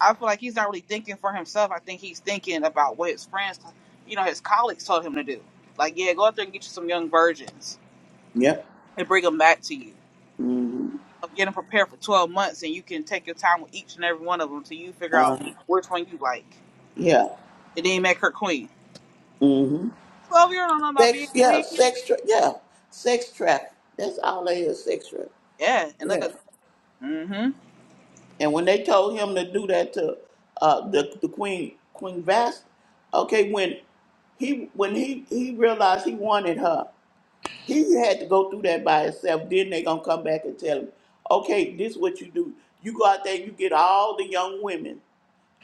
Speaker 1: I feel like he's not really thinking for himself. I think he's thinking about what his friends, you know, his colleagues told him to do. Like, yeah, go out there and get you some young virgins
Speaker 2: Yep.
Speaker 1: and bring them back to you.
Speaker 2: Mm hmm.
Speaker 1: And, you know, get them prepared for 12 months and you can take your time with each and every one of them till you figure
Speaker 2: Uh,
Speaker 1: out which one you like.
Speaker 2: yeah.
Speaker 1: And then make her queen.
Speaker 2: Mm hmm.
Speaker 1: 12 year old don't know about being
Speaker 2: Sex. Yeah.
Speaker 1: queen.
Speaker 2: Sex. Tra- yeah. Sex traffic. That's all they is. Sex traffic.
Speaker 1: Yeah. And look
Speaker 2: Yeah.
Speaker 1: at, mm hmm,
Speaker 2: And when they told him to do that to uh, the the queen Queen Vast, okay, when he when he he realized he wanted her. He had to go through that by himself. Then they gonna come back and tell him, okay, this is what you do. You go out there, you get all the young women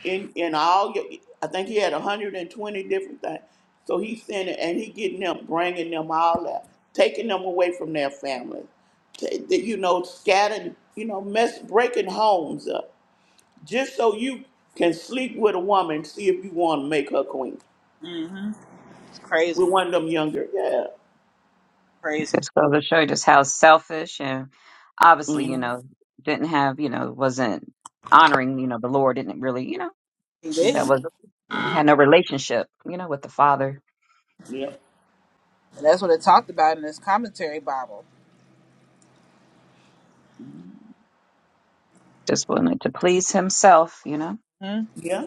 Speaker 2: in in all your. I think he had 120 different things. So he's sending and he getting them, bringing them all out, taking them away from their families, t- that, you know, scattering, you know, mess, breaking homes up, just so you can sleep with a woman, see if you want to make her queen
Speaker 1: mm hmm. It's crazy.
Speaker 2: with one of them younger. Yeah.
Speaker 1: Crazy.
Speaker 3: Just goes to show you just how selfish and obviously, you know,
Speaker 2: Mm-hmm.
Speaker 3: didn't have, you know, wasn't honoring, you know, the Lord didn't really, you know,
Speaker 1: He
Speaker 3: that
Speaker 1: didn't.
Speaker 3: was had no relationship, you know, with the Father.
Speaker 2: Yeah.
Speaker 1: And that's what it talked about in this commentary Bible.
Speaker 3: Just wanted to please himself, you know.
Speaker 1: Hmm.
Speaker 2: Yeah.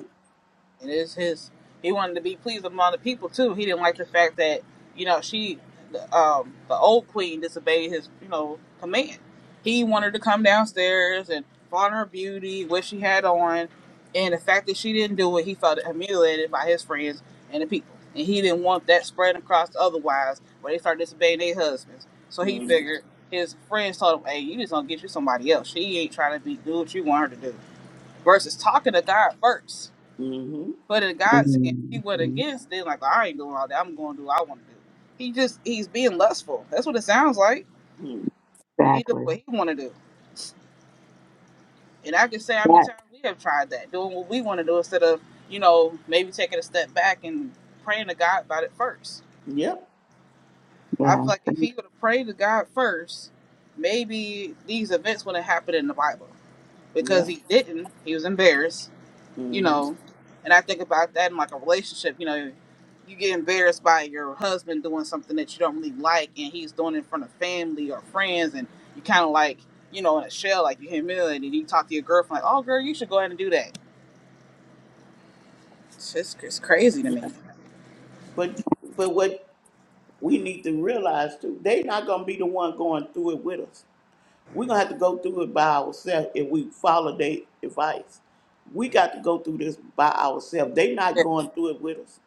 Speaker 1: And it's his. He wanted to be pleased among the people too. He didn't like the fact that you know she, the, um, the old queen disobeyed his you know command. He wanted to come downstairs and flaunt her beauty, what she had on, and the fact that she didn't do it, he felt humiliated by his friends and the people. And he didn't want that spread across otherwise, where they start disobeying their husbands. So he
Speaker 2: Mm-hmm.
Speaker 1: figured his friends told him, "Hey, you just gonna get you somebody else. She ain't trying to be do what you want her to do." Versus talking to God first
Speaker 2: Mm-hmm.
Speaker 1: but if God's, saying he went
Speaker 3: Mhm.
Speaker 1: against, then like I ain't doing all that. I'm going to do what I want to do. He just he's being lustful. That's what it sounds like.
Speaker 2: hmm
Speaker 1: He doing
Speaker 3: Exactly.
Speaker 1: what he want to do. And I can say how many
Speaker 3: That,
Speaker 1: times we have tried that, doing what we want to do instead of you know maybe taking a step back and praying to God about it first.
Speaker 2: Yep.
Speaker 1: I feel like
Speaker 3: yeah.
Speaker 1: if he would have prayed to God first, maybe these events wouldn't happen in the Bible.
Speaker 2: Yep.
Speaker 1: Because he didn't, he was embarrassed you
Speaker 2: Mm-hmm.
Speaker 1: know, and I think about that in like a relationship, you know, you get embarrassed by your husband doing something that you don't really like and he's doing it in front of family or friends and you kind of like, you know, in a shell, like you're humiliated and you talk to your girlfriend, like, oh, girl, you should go ahead and do that. It's just it's crazy to
Speaker 2: Yeah.
Speaker 1: me.
Speaker 2: But but what we need to realize too, they not gonna be the one going through it with us. We're gonna have to go through it by ourselves if we follow their advice. We got to go through this by ourselves. They not
Speaker 1: Yes,
Speaker 2: going through it with us.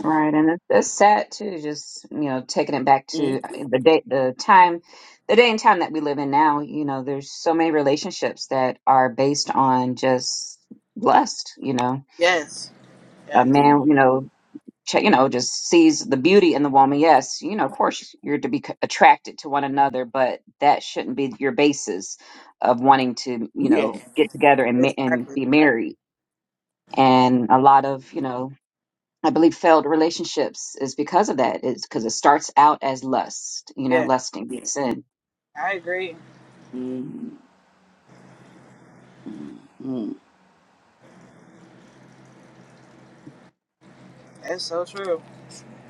Speaker 3: Right, and it's, it's sad too. Just you know, taking it back to uh, the day, the time, the day and time that we live in now. You know, there's so many relationships that are based on just lust. You know,
Speaker 1: yes,
Speaker 3: a
Speaker 1: yes,
Speaker 3: man,
Speaker 2: Mm-hmm.
Speaker 3: you know, ch- you know, just sees the beauty in the woman. Yes, you know, of course, you're to be c- attracted to one another, but that shouldn't be your basis of wanting to, you
Speaker 2: Yes.
Speaker 3: know, get together and ma- and
Speaker 1: exactly.
Speaker 3: be married. And a lot of you know I believe failed relationships is because of that. It's because it starts out as lust, you know,
Speaker 1: Yeah,
Speaker 3: lusting
Speaker 2: Yeah.
Speaker 3: sin.
Speaker 1: I agree.
Speaker 2: Mm-hmm. Mm-hmm.
Speaker 1: That's so true.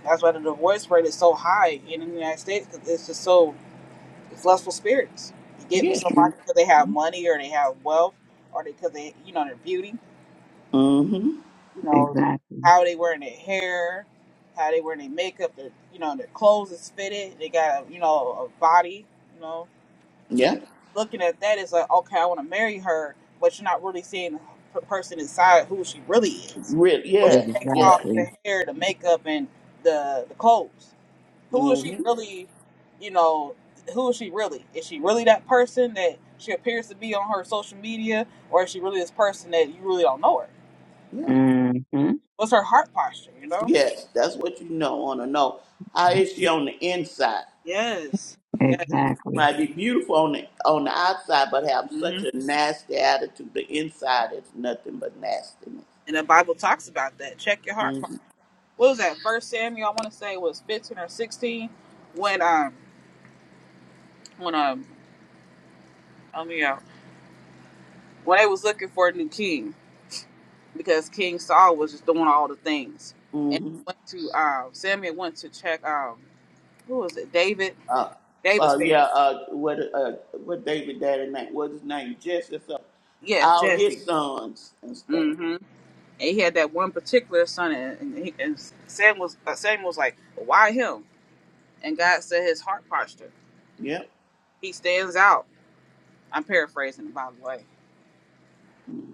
Speaker 1: That's why the divorce rate is so high in the United States because it's just so It's lustful spirits. You get with
Speaker 2: Yeah.
Speaker 3: Mhm.
Speaker 1: somebody because they have money or they have wealth or because they, 'cause they- you know, their beauty.
Speaker 2: Mm-hmm.
Speaker 1: You know,
Speaker 3: Exactly.
Speaker 1: how they wearing their hair, how they wearing their makeup, their, you know, their clothes is fitted. They got a, you know, a body. You know,
Speaker 2: Yeah.
Speaker 1: looking at that is like, okay, I want to marry her, but you're not really seeing the person inside who she really is.
Speaker 2: Really.
Speaker 1: Where she
Speaker 2: Yeah.
Speaker 1: takes
Speaker 2: Yeah.
Speaker 1: off
Speaker 3: Exactly.
Speaker 1: the hair, the makeup, and the the clothes who is she
Speaker 2: Mm-hmm.
Speaker 1: really, you know, who is she really? Is she really that person that she appears to be on her social media, or is she really this person that you really don't know her?
Speaker 2: Yeah.
Speaker 3: hmm
Speaker 1: What's her heart posture, you know?
Speaker 2: Yes, that's what you know want to know. How is she on the inside?
Speaker 1: Yes. Yes.
Speaker 3: Exactly.
Speaker 2: Might be beautiful on the on the outside, but have
Speaker 1: hmm
Speaker 2: such a nasty attitude. The inside is nothing but nastiness.
Speaker 1: And the Bible talks about that. Check your heart
Speaker 2: Mm-hmm.
Speaker 1: posture. What was that? First Samuel, I want to say was 15 or 16 when, um, when, um, help me out. When they was looking for a new king because King Saul was just doing all the things. And
Speaker 2: hmm
Speaker 1: went to, um, Samuel went to check, um, who was it? David
Speaker 2: Uh,
Speaker 1: David's
Speaker 2: uh, yeah.
Speaker 1: family.
Speaker 2: Uh, what? Uh, what David Daddy name? What's his name? Jesse. or
Speaker 1: Yes,
Speaker 2: All his
Speaker 1: Jesse.
Speaker 2: sons and stuff.
Speaker 1: Mm-hmm. And he had that one particular son, and, and, he, and Sam was uh, Sam was like, "Why him?" And God said his heart posture.
Speaker 2: Yep.
Speaker 1: He stands out. I'm paraphrasing, by the way.
Speaker 2: Mhm.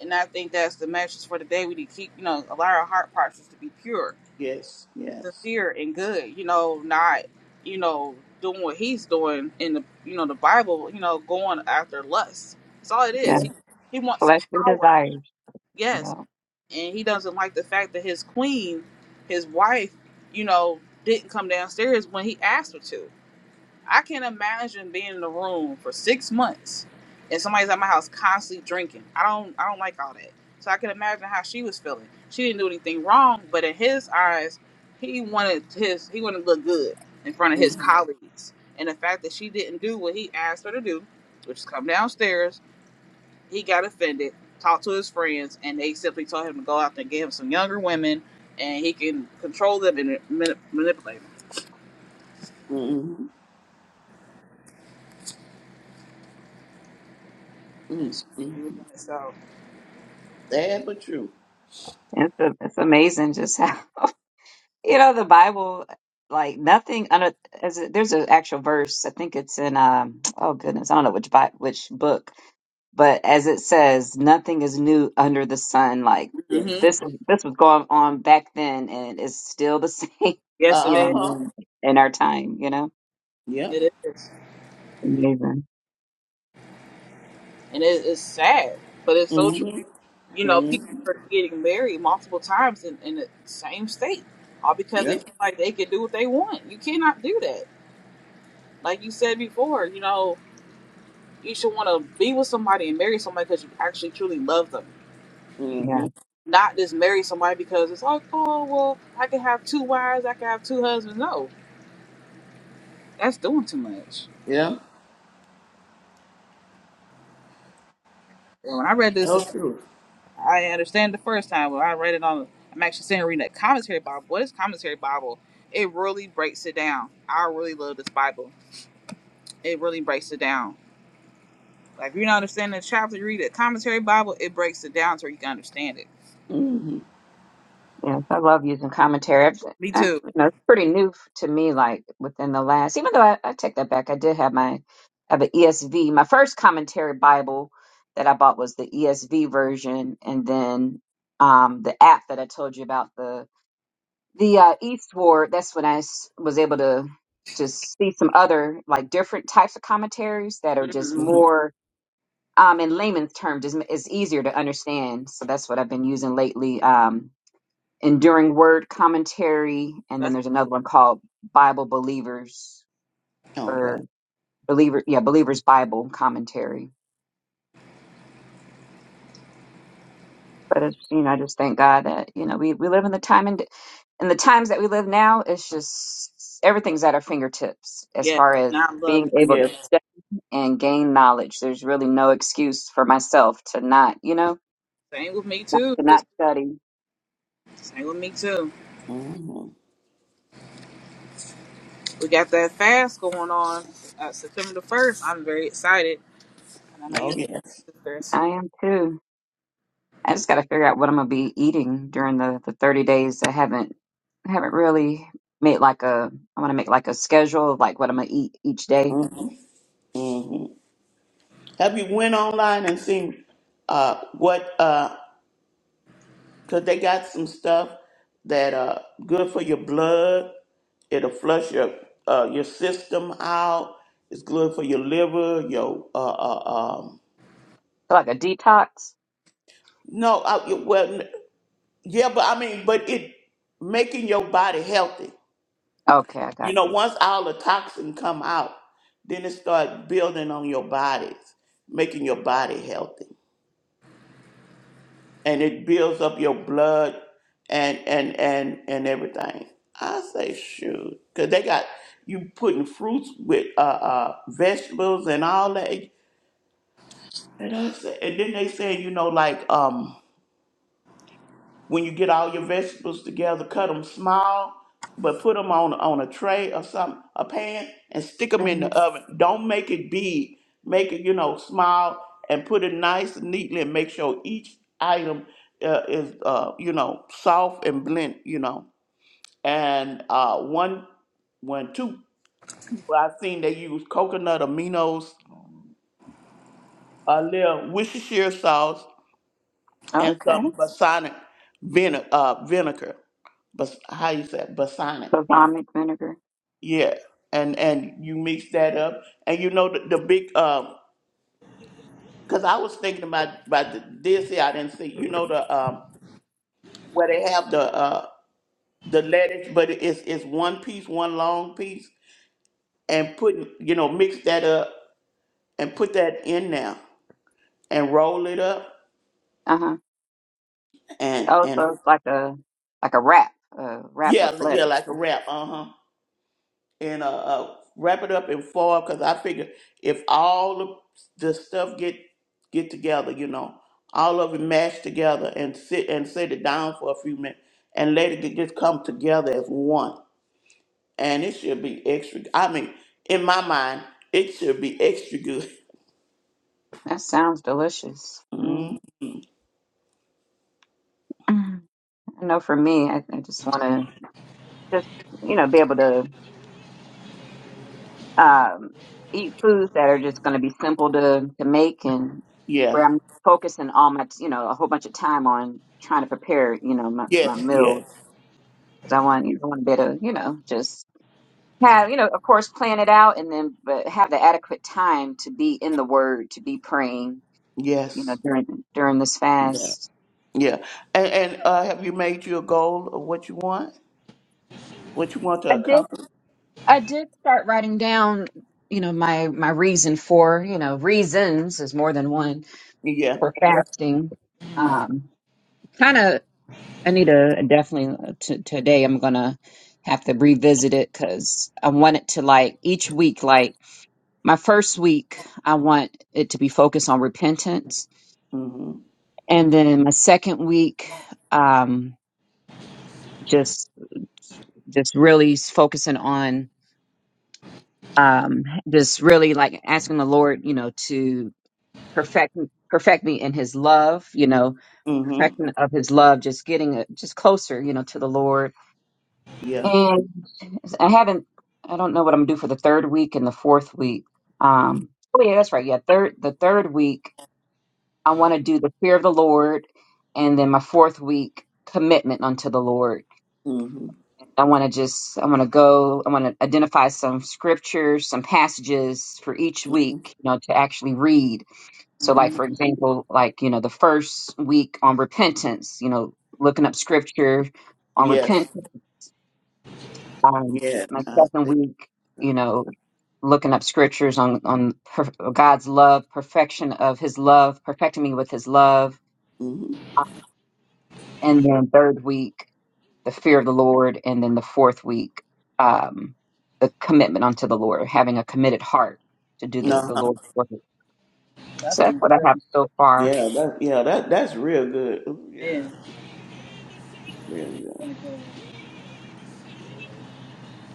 Speaker 1: And I think that's the message for today. We need to keep, you know, allow our heart postures to be pure,
Speaker 2: Yes. Yes.
Speaker 1: sincere, and good. You know, not, you know, doing what he's doing in the, you know, the Bible. You know, going after lust. That's all it
Speaker 3: Yeah.
Speaker 1: is.
Speaker 2: Yeah.
Speaker 1: He he wants
Speaker 3: Fleshly
Speaker 1: power.
Speaker 3: desires.
Speaker 1: Yes,
Speaker 3: Yeah.
Speaker 1: and he doesn't like the fact that his queen, his wife, you know, didn't come downstairs when he asked her to. I can not imagine being in a room for six months and somebody's at my house constantly drinking. I don't I don't like all that. So I can imagine how she was feeling. She didn't do anything wrong, but in his eyes, he wanted his he wanted to look good in front of his
Speaker 2: hmm
Speaker 1: colleagues. And the fact that she didn't do what he asked her to do, which is come downstairs he got offended, talked to his friends, and they simply told him to go out there and get him some younger women, and he can control them and mani- manipulate them.
Speaker 2: hmm
Speaker 1: And
Speaker 2: Mm-hmm.
Speaker 1: it's crazy.
Speaker 2: Mm-hmm.
Speaker 1: So,
Speaker 2: Sad but true.
Speaker 3: It's, a, it's amazing just how You know, the Bible, like nothing under as a, there's an actual verse. I think it's in um oh goodness, I don't know which bi- which book, but as it says, nothing is new under the sun. Like
Speaker 1: hmm
Speaker 2: Yes.
Speaker 3: this this was going on back then and it's still the same,
Speaker 1: yes, it
Speaker 3: you
Speaker 2: Uh
Speaker 3: know,
Speaker 1: is.
Speaker 2: huh.
Speaker 3: in our time, you know.
Speaker 2: Yep.
Speaker 1: It is,
Speaker 3: Amazing.
Speaker 1: and it, it's sad, but it's so true.
Speaker 2: Mm-hmm.
Speaker 1: You know, people
Speaker 2: Mm-hmm.
Speaker 1: are getting married multiple times in, in the same state, all because
Speaker 2: Yeah.
Speaker 1: they feel like they can do what they want. You cannot do that. Like you said before, you know, you should want to be with somebody and marry somebody because you actually truly love them
Speaker 2: Mm-hmm.
Speaker 1: not just marry somebody because it's like, oh well, I can have two wives, I can have two husbands. No, that's doing too much.
Speaker 2: Yeah.
Speaker 1: And when I read this,
Speaker 2: Oh,
Speaker 1: this
Speaker 2: true.
Speaker 1: I understand the first time when I read it on. I'm actually sitting reading that commentary Bible. What is commentary Bible? It really breaks it down. I really love this Bible. It really breaks it down. Like if you don't understand the chapter, you read the commentary Bible. It breaks it down so you can understand it.
Speaker 2: Mm-hmm.
Speaker 3: Yes, I love using commentary. I've,
Speaker 1: Me
Speaker 3: I've,
Speaker 1: too.
Speaker 3: you know, it's pretty new f- to me, like within the last, even though I, I take that back, I did have my, I have an ESV. My first commentary Bible that I bought was the ESV version. And then um, the app that I told you about, the, the uh, Eastward, that's when I s- was able to just see some other, like different types of commentaries that are just
Speaker 1: hmm
Speaker 2: hmm
Speaker 3: more, um, in layman's terms, is, is easier to understand. So that's what I've been using lately. Um, Enduring Word Commentary, and then
Speaker 1: That's
Speaker 3: there's another one called Bible Believers
Speaker 2: Oh
Speaker 3: or
Speaker 2: God.
Speaker 3: Believer, yeah, Believers Bible Commentary. But it's, you know, I just thank God that you know we, we live in the time and in the times that we live now. It's just everything's at our fingertips as
Speaker 1: yeah.
Speaker 3: far as
Speaker 1: And I love
Speaker 3: being
Speaker 1: that.
Speaker 3: able to
Speaker 2: Yes.
Speaker 3: study and gain knowledge. There's really no excuse for myself to not, you know,
Speaker 1: Same with me
Speaker 3: not,
Speaker 1: too.
Speaker 3: to not
Speaker 1: Sister.
Speaker 3: study.
Speaker 1: Same with me too.
Speaker 2: Mm-hmm.
Speaker 1: We got that fast going on uh, September the first. I'm very excited, and I know you,
Speaker 2: Oh yes.
Speaker 1: are too, Chris.
Speaker 3: I am too. I just got to figure out what I'm gonna be eating during the, the 30 days. I haven't I haven't really made like a I want to make like a schedule of like what I'm gonna eat each day,
Speaker 2: Mm-hmm. Mm-hmm. Have you went online and seen uh what uh because they got some stuff that uh good for your blood. It'll flush your uh your system out. It's good for your liver. Your uh, uh um
Speaker 3: so like a detox.
Speaker 2: no uh, well n- yeah but I mean but it making your body healthy.
Speaker 3: Okay, I
Speaker 2: You
Speaker 3: got
Speaker 2: know,
Speaker 3: you.
Speaker 2: once all the toxin come out, then it start building on your bodies, making your body healthy. And it builds up your blood and and and and everything. I say shoot, cause they got you putting fruits with uh, uh vegetables and all that. And I say, and then they say, you know, like um When you get all your vegetables together, cut them small, but put them on on a tray or something, a pan, and stick them in
Speaker 3: hmm
Speaker 2: the oven. Don't make it big. Make it you know small and put it nice and neatly, and make sure each item uh, is uh, you know soft and blend. You know, and uh, one when two people I've seen they use coconut aminos, a little Worcestershire sauce, and
Speaker 3: Okay,
Speaker 2: some balsamic vinegar. Uh, vinegar, bas- how you say it? balsamic?
Speaker 3: so
Speaker 2: Yeah,
Speaker 3: balsamic vinegar.
Speaker 2: yeah. And and you mix that up, and you know the, the big um. Because I was thinking about about the, this here, I didn't see. You know the um where they have the uh the lettuce, but it's it's one piece, one long piece, and putting you know mix that up and put that in there and roll it up
Speaker 3: Uh huh.
Speaker 2: and
Speaker 3: Oh,
Speaker 2: and
Speaker 3: so it's like a like a wrap, a wrap
Speaker 2: yeah
Speaker 3: with
Speaker 2: yeah
Speaker 3: lettuce.
Speaker 2: like a wrap. Uh huh. and uh, uh wrap it up and fall because I figure if all the, the stuff get get together, you know, all of it mashed together and sit and set it down for a few minutes and let it just come together as one. And it should be extra. I mean, in my mind, it should be extra good.
Speaker 3: That sounds delicious.
Speaker 2: Mm-hmm.
Speaker 3: mm I know for me, I, I just want to just you know be able to um, eat foods that are just going to be simple to, to make and where
Speaker 2: Yes,
Speaker 3: I'm focusing all my, you know, a whole bunch of time on trying to prepare, you know, my, my
Speaker 2: yes, yes,
Speaker 3: meal. Cause I want, you know, I want to be able to, you know, just have, you know, of course, plan it out and then, but have the adequate time to be in the word, to be praying, you know,
Speaker 2: yes,
Speaker 3: during, during this
Speaker 2: yeah.
Speaker 3: fast.
Speaker 2: yeah. And and uh, have you made your goal of what you want, what you want
Speaker 3: I
Speaker 2: to
Speaker 3: did,
Speaker 2: accomplish?
Speaker 3: I did start writing down, you know, my, my reason for, you know, reasons is more than one
Speaker 2: Yeah.
Speaker 3: for fasting.
Speaker 1: Mm,
Speaker 2: Uh,
Speaker 3: Um, kind of I need to definitely uh, t- today. I'm gonna have to revisit it because I want it to like each week. Like my first week, I want it to be focused on repentance,
Speaker 2: mhm.
Speaker 3: and then my second week, um, just just really focusing on um, just really like asking the Lord, you know, to perfect perfect me in His love, you know,
Speaker 2: mhm.
Speaker 3: perfection of His love, just getting it just closer, you know, to the Lord
Speaker 2: Yeah.
Speaker 3: And I haven't, I don't know what I'm gonna do for the third week and the fourth week.
Speaker 2: Mm,
Speaker 3: Um, oh yeah, that's right. Yeah, third, the third week, I want to do the fear of the Lord, and then my fourth week, commitment unto the Lord.
Speaker 2: mhm,
Speaker 3: I want to just, I want to go, I want to identify some scriptures, some passages for each
Speaker 2: mhm,
Speaker 3: week, you know, to actually read. So, like
Speaker 2: mhm.
Speaker 3: for example, like you know, the first week on repentance, you know, looking up scripture on
Speaker 2: Yes.
Speaker 3: repentance. Um,
Speaker 2: Yes.
Speaker 3: my
Speaker 2: I
Speaker 3: second
Speaker 2: see.
Speaker 3: week you know looking up scriptures on on per, God's love, perfection of His love, perfecting me with His love,
Speaker 2: Mm-hmm.
Speaker 3: and then third week the fear of the Lord, and then the fourth week um, the commitment unto the Lord, having a committed heart to do the
Speaker 2: No.
Speaker 3: the Lord's work. So
Speaker 1: that's
Speaker 3: that's
Speaker 1: my
Speaker 3: what I
Speaker 1: girl.
Speaker 3: have so far.
Speaker 2: Yeah. That. Yeah. That. That's real good. Ooh,
Speaker 1: It
Speaker 2: yeah.
Speaker 1: is.
Speaker 2: Real good.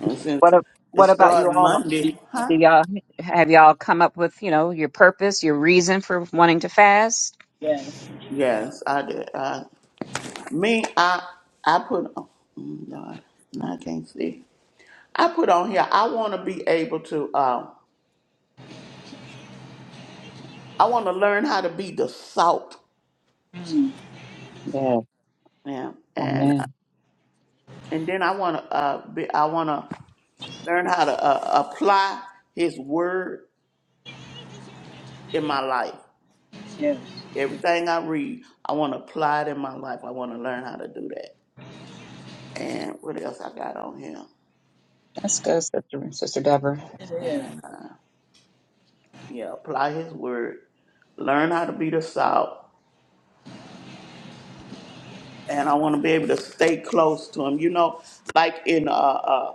Speaker 2: And
Speaker 3: What
Speaker 2: since
Speaker 3: a,
Speaker 2: it
Speaker 3: what about you
Speaker 2: started
Speaker 3: all? Do,
Speaker 2: Monday, huh?
Speaker 3: do y'all have y'all come up with you know your purpose, your reason for wanting to fast?
Speaker 1: Yes.
Speaker 2: Yes, I did. I, me, I. I put. Oh, mm, Lord, I can't see. I put on here. I want to be able to. Uh, I want to learn how to be the salt.
Speaker 1: Mm,
Speaker 3: Yeah.
Speaker 2: Yeah. And uh,
Speaker 3: Amen.
Speaker 2: and then I want to. Uh, be. I want to. Learn how to uh, apply His Word in my life.
Speaker 1: yes.
Speaker 2: Everything I read, I want to apply it in my life. I want to learn how to do that. And what else I got on here?
Speaker 3: Let's go, Sister Sister Deborah.
Speaker 1: It is.
Speaker 2: And uh, yeah, apply His Word. Learn how to be the salt. And I want to be able to stay close to Him. You know, like in uh, uh,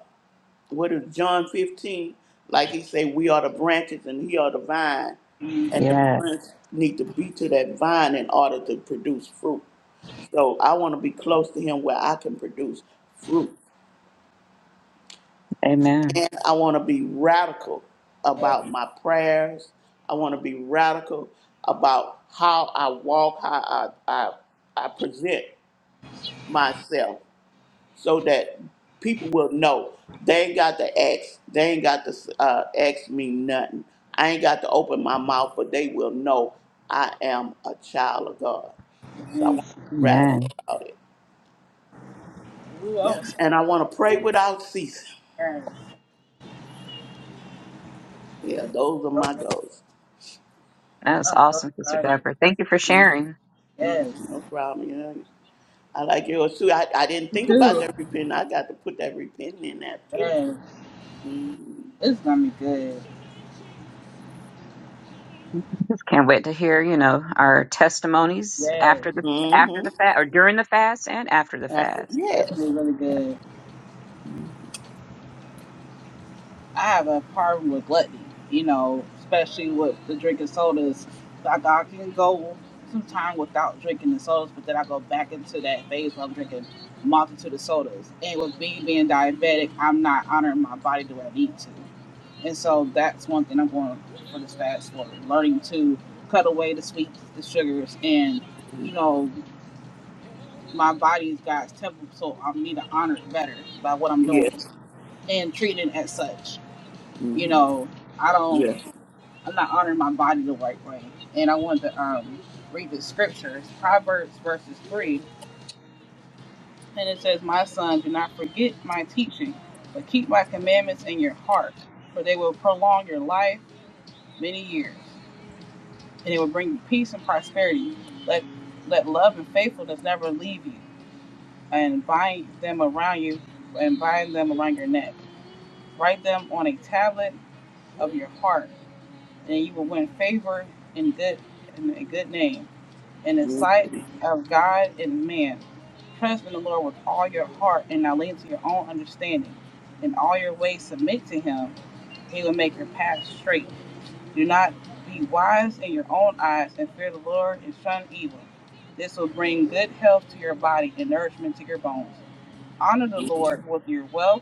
Speaker 2: what is John 15? Like He say, we are the branches and He are the vine. And the
Speaker 3: Yeah.
Speaker 2: branch need to be to that vine in order to produce fruit. So I want to be close to him where I can produce fruit.
Speaker 3: Amen.
Speaker 2: And I want to be radical
Speaker 1: Yes.
Speaker 2: about my prayers. I want to be radical about how I walk, how I, I, I present myself so that people will know they ain't got to ask. They ain't got to uh, ask me nothing. I ain't got to open my mouth, but they will know I am a child of God. So I want to be radical
Speaker 3: Amen.
Speaker 2: about it.
Speaker 1: Ooh, I
Speaker 2: Yeah.
Speaker 1: was so
Speaker 2: And I want
Speaker 1: excited.
Speaker 2: to pray without ceasing.
Speaker 1: Yes.
Speaker 2: Yeah,
Speaker 1: This is
Speaker 2: those are
Speaker 1: so
Speaker 2: my
Speaker 1: good.
Speaker 2: goals.
Speaker 3: That's
Speaker 1: I'm so
Speaker 3: awesome, Sister
Speaker 1: excited.
Speaker 3: Deborah. Thank you for
Speaker 2: Mhm.
Speaker 3: sharing.
Speaker 2: Yeah,
Speaker 1: Yes.
Speaker 2: no problem. Yeah, I like yours too. I, I didn't
Speaker 1: Me
Speaker 2: think about
Speaker 1: too.
Speaker 2: that repenting. I got to put that repenting in there too.
Speaker 1: Yes.
Speaker 2: Mm-hmm.
Speaker 1: This is gonna be good.
Speaker 3: Just can't wait to hear, you know, our testimonies
Speaker 1: Yes.
Speaker 3: after the after
Speaker 2: Mm-hmm.
Speaker 3: the fast or during the fast and after the
Speaker 2: After
Speaker 3: fast.
Speaker 2: yes,
Speaker 1: Definitely really
Speaker 3: Yeah.
Speaker 1: good. I have a problem with gluttony, you know, especially with the drinking sodas. Like I can go some time without drinking the sodas, but then I go back into that phase where I'm drinking multitude of sodas. And with me being diabetic, I'm not honoring my body the way I need to. And so that's one thing I'm going for this fast forward, learning to cut away the sweets, the sugars, and
Speaker 2: hmm
Speaker 1: you know, my body's got temple, so I need to honor it better by what I'm doing
Speaker 2: yes,
Speaker 1: and treating it as such you
Speaker 2: mm-hmm.
Speaker 1: know, I don't,
Speaker 2: yes,
Speaker 1: I'm not honoring my body the right way. And I wanted to um, read the scriptures, Proverbs verses 3. And it says, My son, do not forget my teaching, but keep my commandments in your heart, for they will prolong your life many years, and it will bring you peace and prosperity. Let, let love and faithfulness never leave you, and bind them around you, and bind them around your neck. Write them on a tablet of your heart and you will win favor and good and a good name in the sight of God and man. Trust in the Lord with all your heart and not lean to your own understanding. In all your ways submit to him. He will make your path straight. Do not be wise in your own eyes and fear the Lord and shun evil. This will bring good health to your body and nourishment to your bones. Honor the Lord with your wealth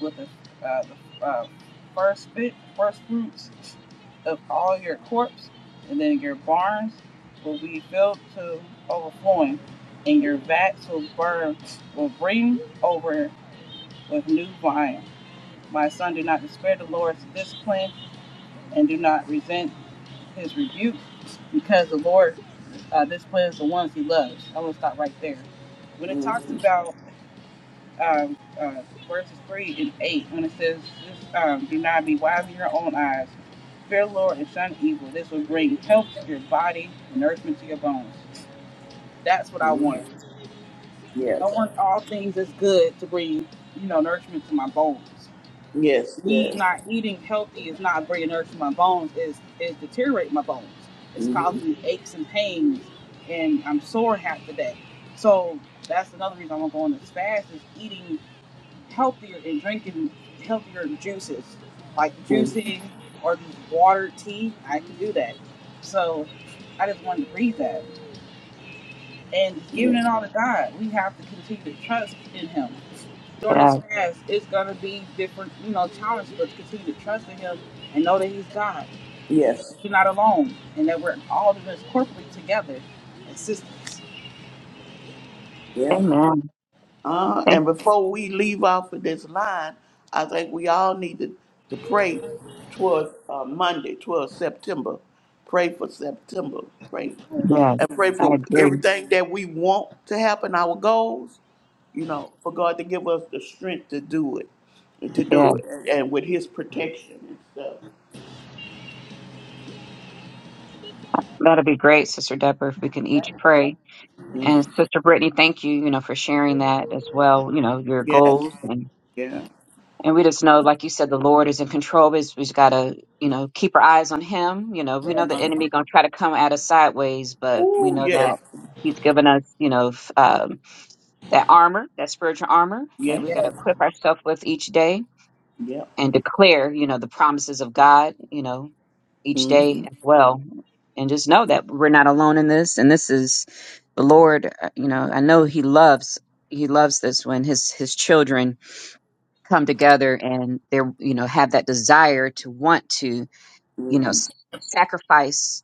Speaker 1: with the, uh, the uh, first fit, first fruits of all your corps, and then your barns will be filled to overflowing, and your vats will burn will bring over with new wine. My son, do not despair the Lord's discipline, and do not resent his rebuke, because the Lord uh, disciplines the ones he loves. I'm gonna stop right there. When it
Speaker 2: hmm
Speaker 1: talks about um, uh, verses 3 and 8 when it says, just, um, Do not be wise in your own eyes. Fear the Lord and shun evil. This will bring health to your body and nourishment to your bones. That's what I
Speaker 2: hmm
Speaker 1: want. I
Speaker 2: yes,
Speaker 1: want all things that's good to bring, you know, nourishment to my bones.
Speaker 2: yes,
Speaker 1: Me
Speaker 2: yes,
Speaker 1: not eating healthy is not bringing nourishment to my bones, is is deteriorating my bones. It's
Speaker 2: hmm
Speaker 1: causing me aches and pains, and I'm sore half the day. So that's another reason I want to go on this fast is eating healthier and drinking healthier juices, like juicing or water, tea. I can do that. So I just wanted to read that. And giving it
Speaker 2: yes,
Speaker 1: all to God, we have to continue to trust in Him. During
Speaker 3: Yeah.
Speaker 1: this fast, it's going to be different, you know, challenges, but continue to trust in Him and know that He's God.
Speaker 2: yes,
Speaker 1: That you're not alone and that we're all of us corporately together. It's just,
Speaker 2: yeah.
Speaker 3: Amen.
Speaker 2: Uh,
Speaker 3: Thank
Speaker 2: and before we leave off of this line, I think we all need to, to pray towards uh, Monday, towards September. Pray for September. Pray
Speaker 3: you. Yes,
Speaker 2: and pray
Speaker 3: I
Speaker 2: for
Speaker 3: agree.
Speaker 2: everything that we want to happen, our goals, you know, for God to give us the strength to do it, and to
Speaker 3: Yeah,
Speaker 2: do it, and, and with His protection and stuff.
Speaker 3: That'll be great, Sister Deborah, if we can each pray. And
Speaker 2: hmm
Speaker 3: Sister Brittany, thank you, you know, for sharing that as well, you know, your
Speaker 2: Yes,
Speaker 3: goals
Speaker 2: yeah.
Speaker 3: And we just know, like you said, the Lord is in control. We just, we just gotta, you know, keep our eyes on Him. You know, we
Speaker 1: yeah,
Speaker 3: know the
Speaker 2: uh
Speaker 3: enemy gonna try to come at us sideways, but we
Speaker 2: Oh,
Speaker 3: know
Speaker 2: yes,
Speaker 3: that He's given us, you know, f- um, that armor, that spiritual armor that
Speaker 2: yes,
Speaker 3: we
Speaker 1: yeah.
Speaker 3: gotta equip ourselves with each day
Speaker 2: yep.
Speaker 3: and declare, you know, the promises of God, you know, each
Speaker 2: hmm
Speaker 3: day as well. And just know that we're not alone in this. And this is the Lord. uh, You know, I know He loves. He loves this when His His children come together and they're you know have that desire to want to you know
Speaker 2: hmm
Speaker 3: s- sacrifice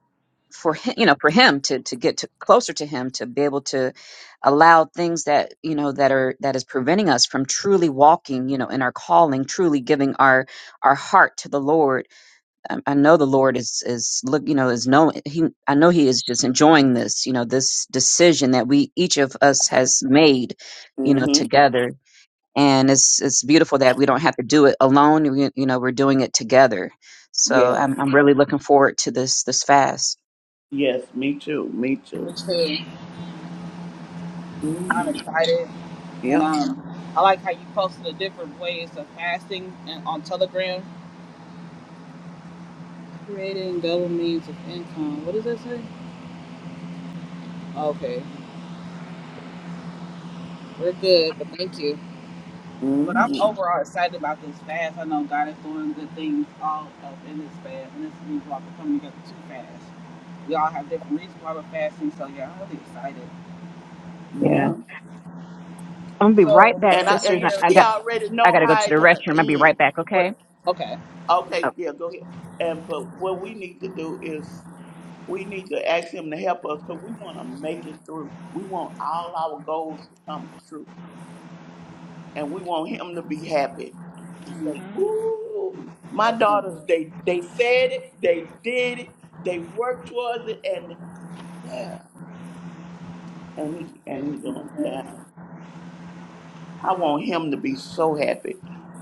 Speaker 3: for him you know for him to to get to closer to him to be able to allow things that you know that are that is preventing us from truly walking you know in our calling truly giving our our heart to the lord i, I know the lord is is look you know is no, he i know he is just enjoying this you know this decision that we each of us has made you know
Speaker 2: hmm
Speaker 3: together and it's it's beautiful that we don't have to do it alone. We, you know, we're doing it together. So
Speaker 2: Yes,
Speaker 3: I'm I'm really looking forward to this this fast.
Speaker 2: yes, me too, me
Speaker 1: me
Speaker 2: too.
Speaker 1: too. I'm
Speaker 2: Mm,
Speaker 1: excited, and
Speaker 2: yep.
Speaker 1: um, I like how you posted the different ways of fasting and on Telegram, creating double means of income. What does that say? Okay, we're good, but thank you. But I'm
Speaker 2: Mm,
Speaker 1: overall excited about this fast. I know God is doing good things all up in this fast, and this means we're coming together too fast. We all have different reasons why we're fasting, so yeah, I'm really excited.
Speaker 3: Yeah.
Speaker 2: yeah.
Speaker 3: I'm gonna be right
Speaker 1: So we're
Speaker 3: back,
Speaker 2: And
Speaker 1: gonna
Speaker 2: I and
Speaker 3: sisters.
Speaker 2: you
Speaker 3: I I
Speaker 1: hear.
Speaker 2: see,
Speaker 3: got
Speaker 2: I already
Speaker 3: I
Speaker 2: know
Speaker 3: gotta go
Speaker 2: how
Speaker 3: to the
Speaker 2: it's gonna
Speaker 3: restroom. I'll be
Speaker 2: end.
Speaker 3: right back, okay?
Speaker 2: But
Speaker 1: Okay.
Speaker 3: Oh,
Speaker 2: okay, yeah, go ahead. And but what we need to do is we need to ask him to help us because we want to make it through. We want all our goals to come true, and we want him to be happy and
Speaker 1: hmm
Speaker 2: say, "Ooh, my
Speaker 1: That's
Speaker 2: daughters,
Speaker 1: what
Speaker 2: they they said it, they did it, they worked towards it, and yeah, and he
Speaker 1: it
Speaker 2: and he doing it." yeah."
Speaker 1: is.
Speaker 2: I want him to be so happy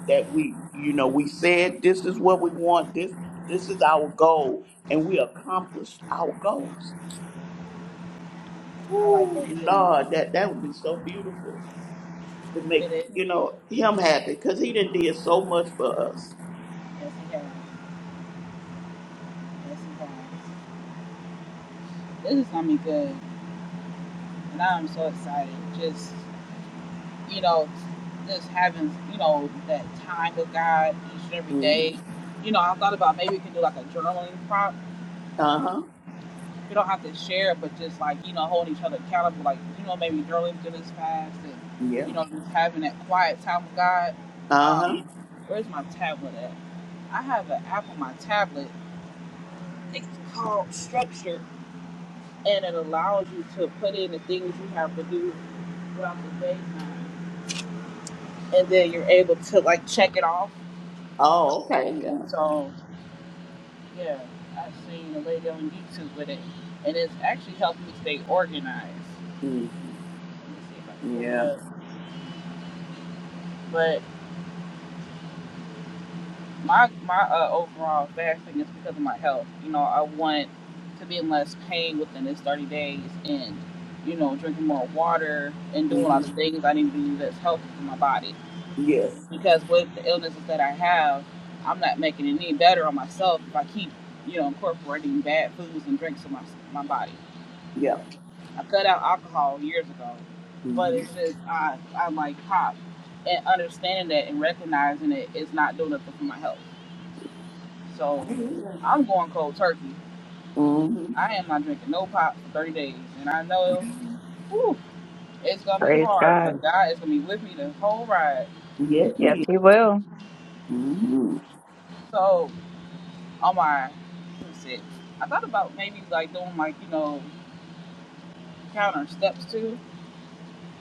Speaker 2: that we, you know, we said this is what we want. This, this is our goal, and we accomplished our goals.
Speaker 1: I like
Speaker 2: Ooh,
Speaker 1: that too.
Speaker 2: Lord, that that would be so beautiful to make
Speaker 1: It is.
Speaker 2: you know him happy because he done did so much for us.
Speaker 1: Yes, he has. Yes, he has. This is gonna be good, and I'm so excited. Just you know, just having you know that time with God each and every
Speaker 2: hmm
Speaker 1: day. You know, I thought about maybe we can do like a journaling prompt.
Speaker 2: Uh huh.
Speaker 1: We don't have to share, but just like you know, holding each other accountable. Like you know, maybe journaling through this fast, and you
Speaker 2: Yeah.
Speaker 1: know, just having that quiet time with God.
Speaker 2: Uh huh.
Speaker 1: Um, where's my tablet at? I have an app on my tablet. It's called Structure and it allows you to put in the things you have to do throughout the daytime, and then you're able to like check it off.
Speaker 2: Oh, okay. Yeah.
Speaker 1: So yeah, I've seen a lady on YouTube with it, and it's actually helped me stay organized.
Speaker 2: hmm
Speaker 1: Let me see if I can pull
Speaker 2: Yeah.
Speaker 1: it up. But my my uh, overall fasting is because of my health. You know, I want to be in less pain within this 30 days, and you know, drinking more water and doing all
Speaker 2: hmm
Speaker 1: the things I need to do that's healthy for my body.
Speaker 2: Yes.
Speaker 1: because with the illnesses that I have, I'm not making it any better on myself if I keep, you know, incorporating bad foods and drinks in my my body.
Speaker 2: Yeah.
Speaker 1: I cut out alcohol years ago, but
Speaker 2: hmm
Speaker 1: it's just I I like pop and understanding that and recognizing it is not doing nothing for my health. So I'm going cold turkey.
Speaker 2: hmm
Speaker 1: I am not drinking no pop for 30 days, and I know whew, it's gonna be
Speaker 3: praise
Speaker 1: hard,
Speaker 3: God.
Speaker 1: but God is gonna be with me the whole ride.
Speaker 2: Yes,
Speaker 3: Yes,
Speaker 2: he is.
Speaker 3: he will.
Speaker 2: hmm
Speaker 1: So all my what's it? I thought about maybe like doing like you know counter steps too,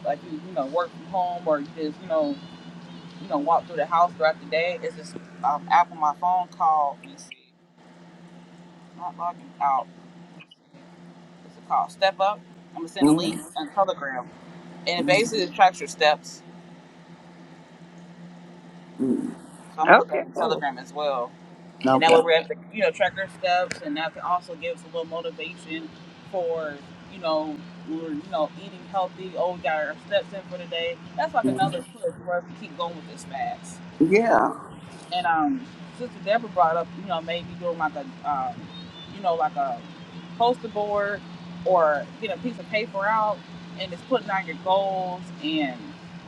Speaker 1: like you you know work from home or just you know you know walk through the house throughout the day. It's this um, app on my phone called let me see, not logging out. What's it called? Step Up. I'm gonna send a link on Telegram, and it basically tracks your steps.
Speaker 2: hmm
Speaker 1: So I'm gonna put that
Speaker 3: Okay,
Speaker 1: in
Speaker 3: cool.
Speaker 1: Telegram as well. and that
Speaker 2: Okay.
Speaker 1: way we're at the you know track our steps, and that can also give us a little motivation for you know we're you know eating healthy. Oh, we got our steps in for the day. That's like
Speaker 2: Mhm.
Speaker 1: another push for us to keep going with this fast.
Speaker 2: Yeah.
Speaker 1: And um, Sister Deborah brought up you know maybe doing like a um, you know like a poster board or get a piece of paper out and just putting down your goals and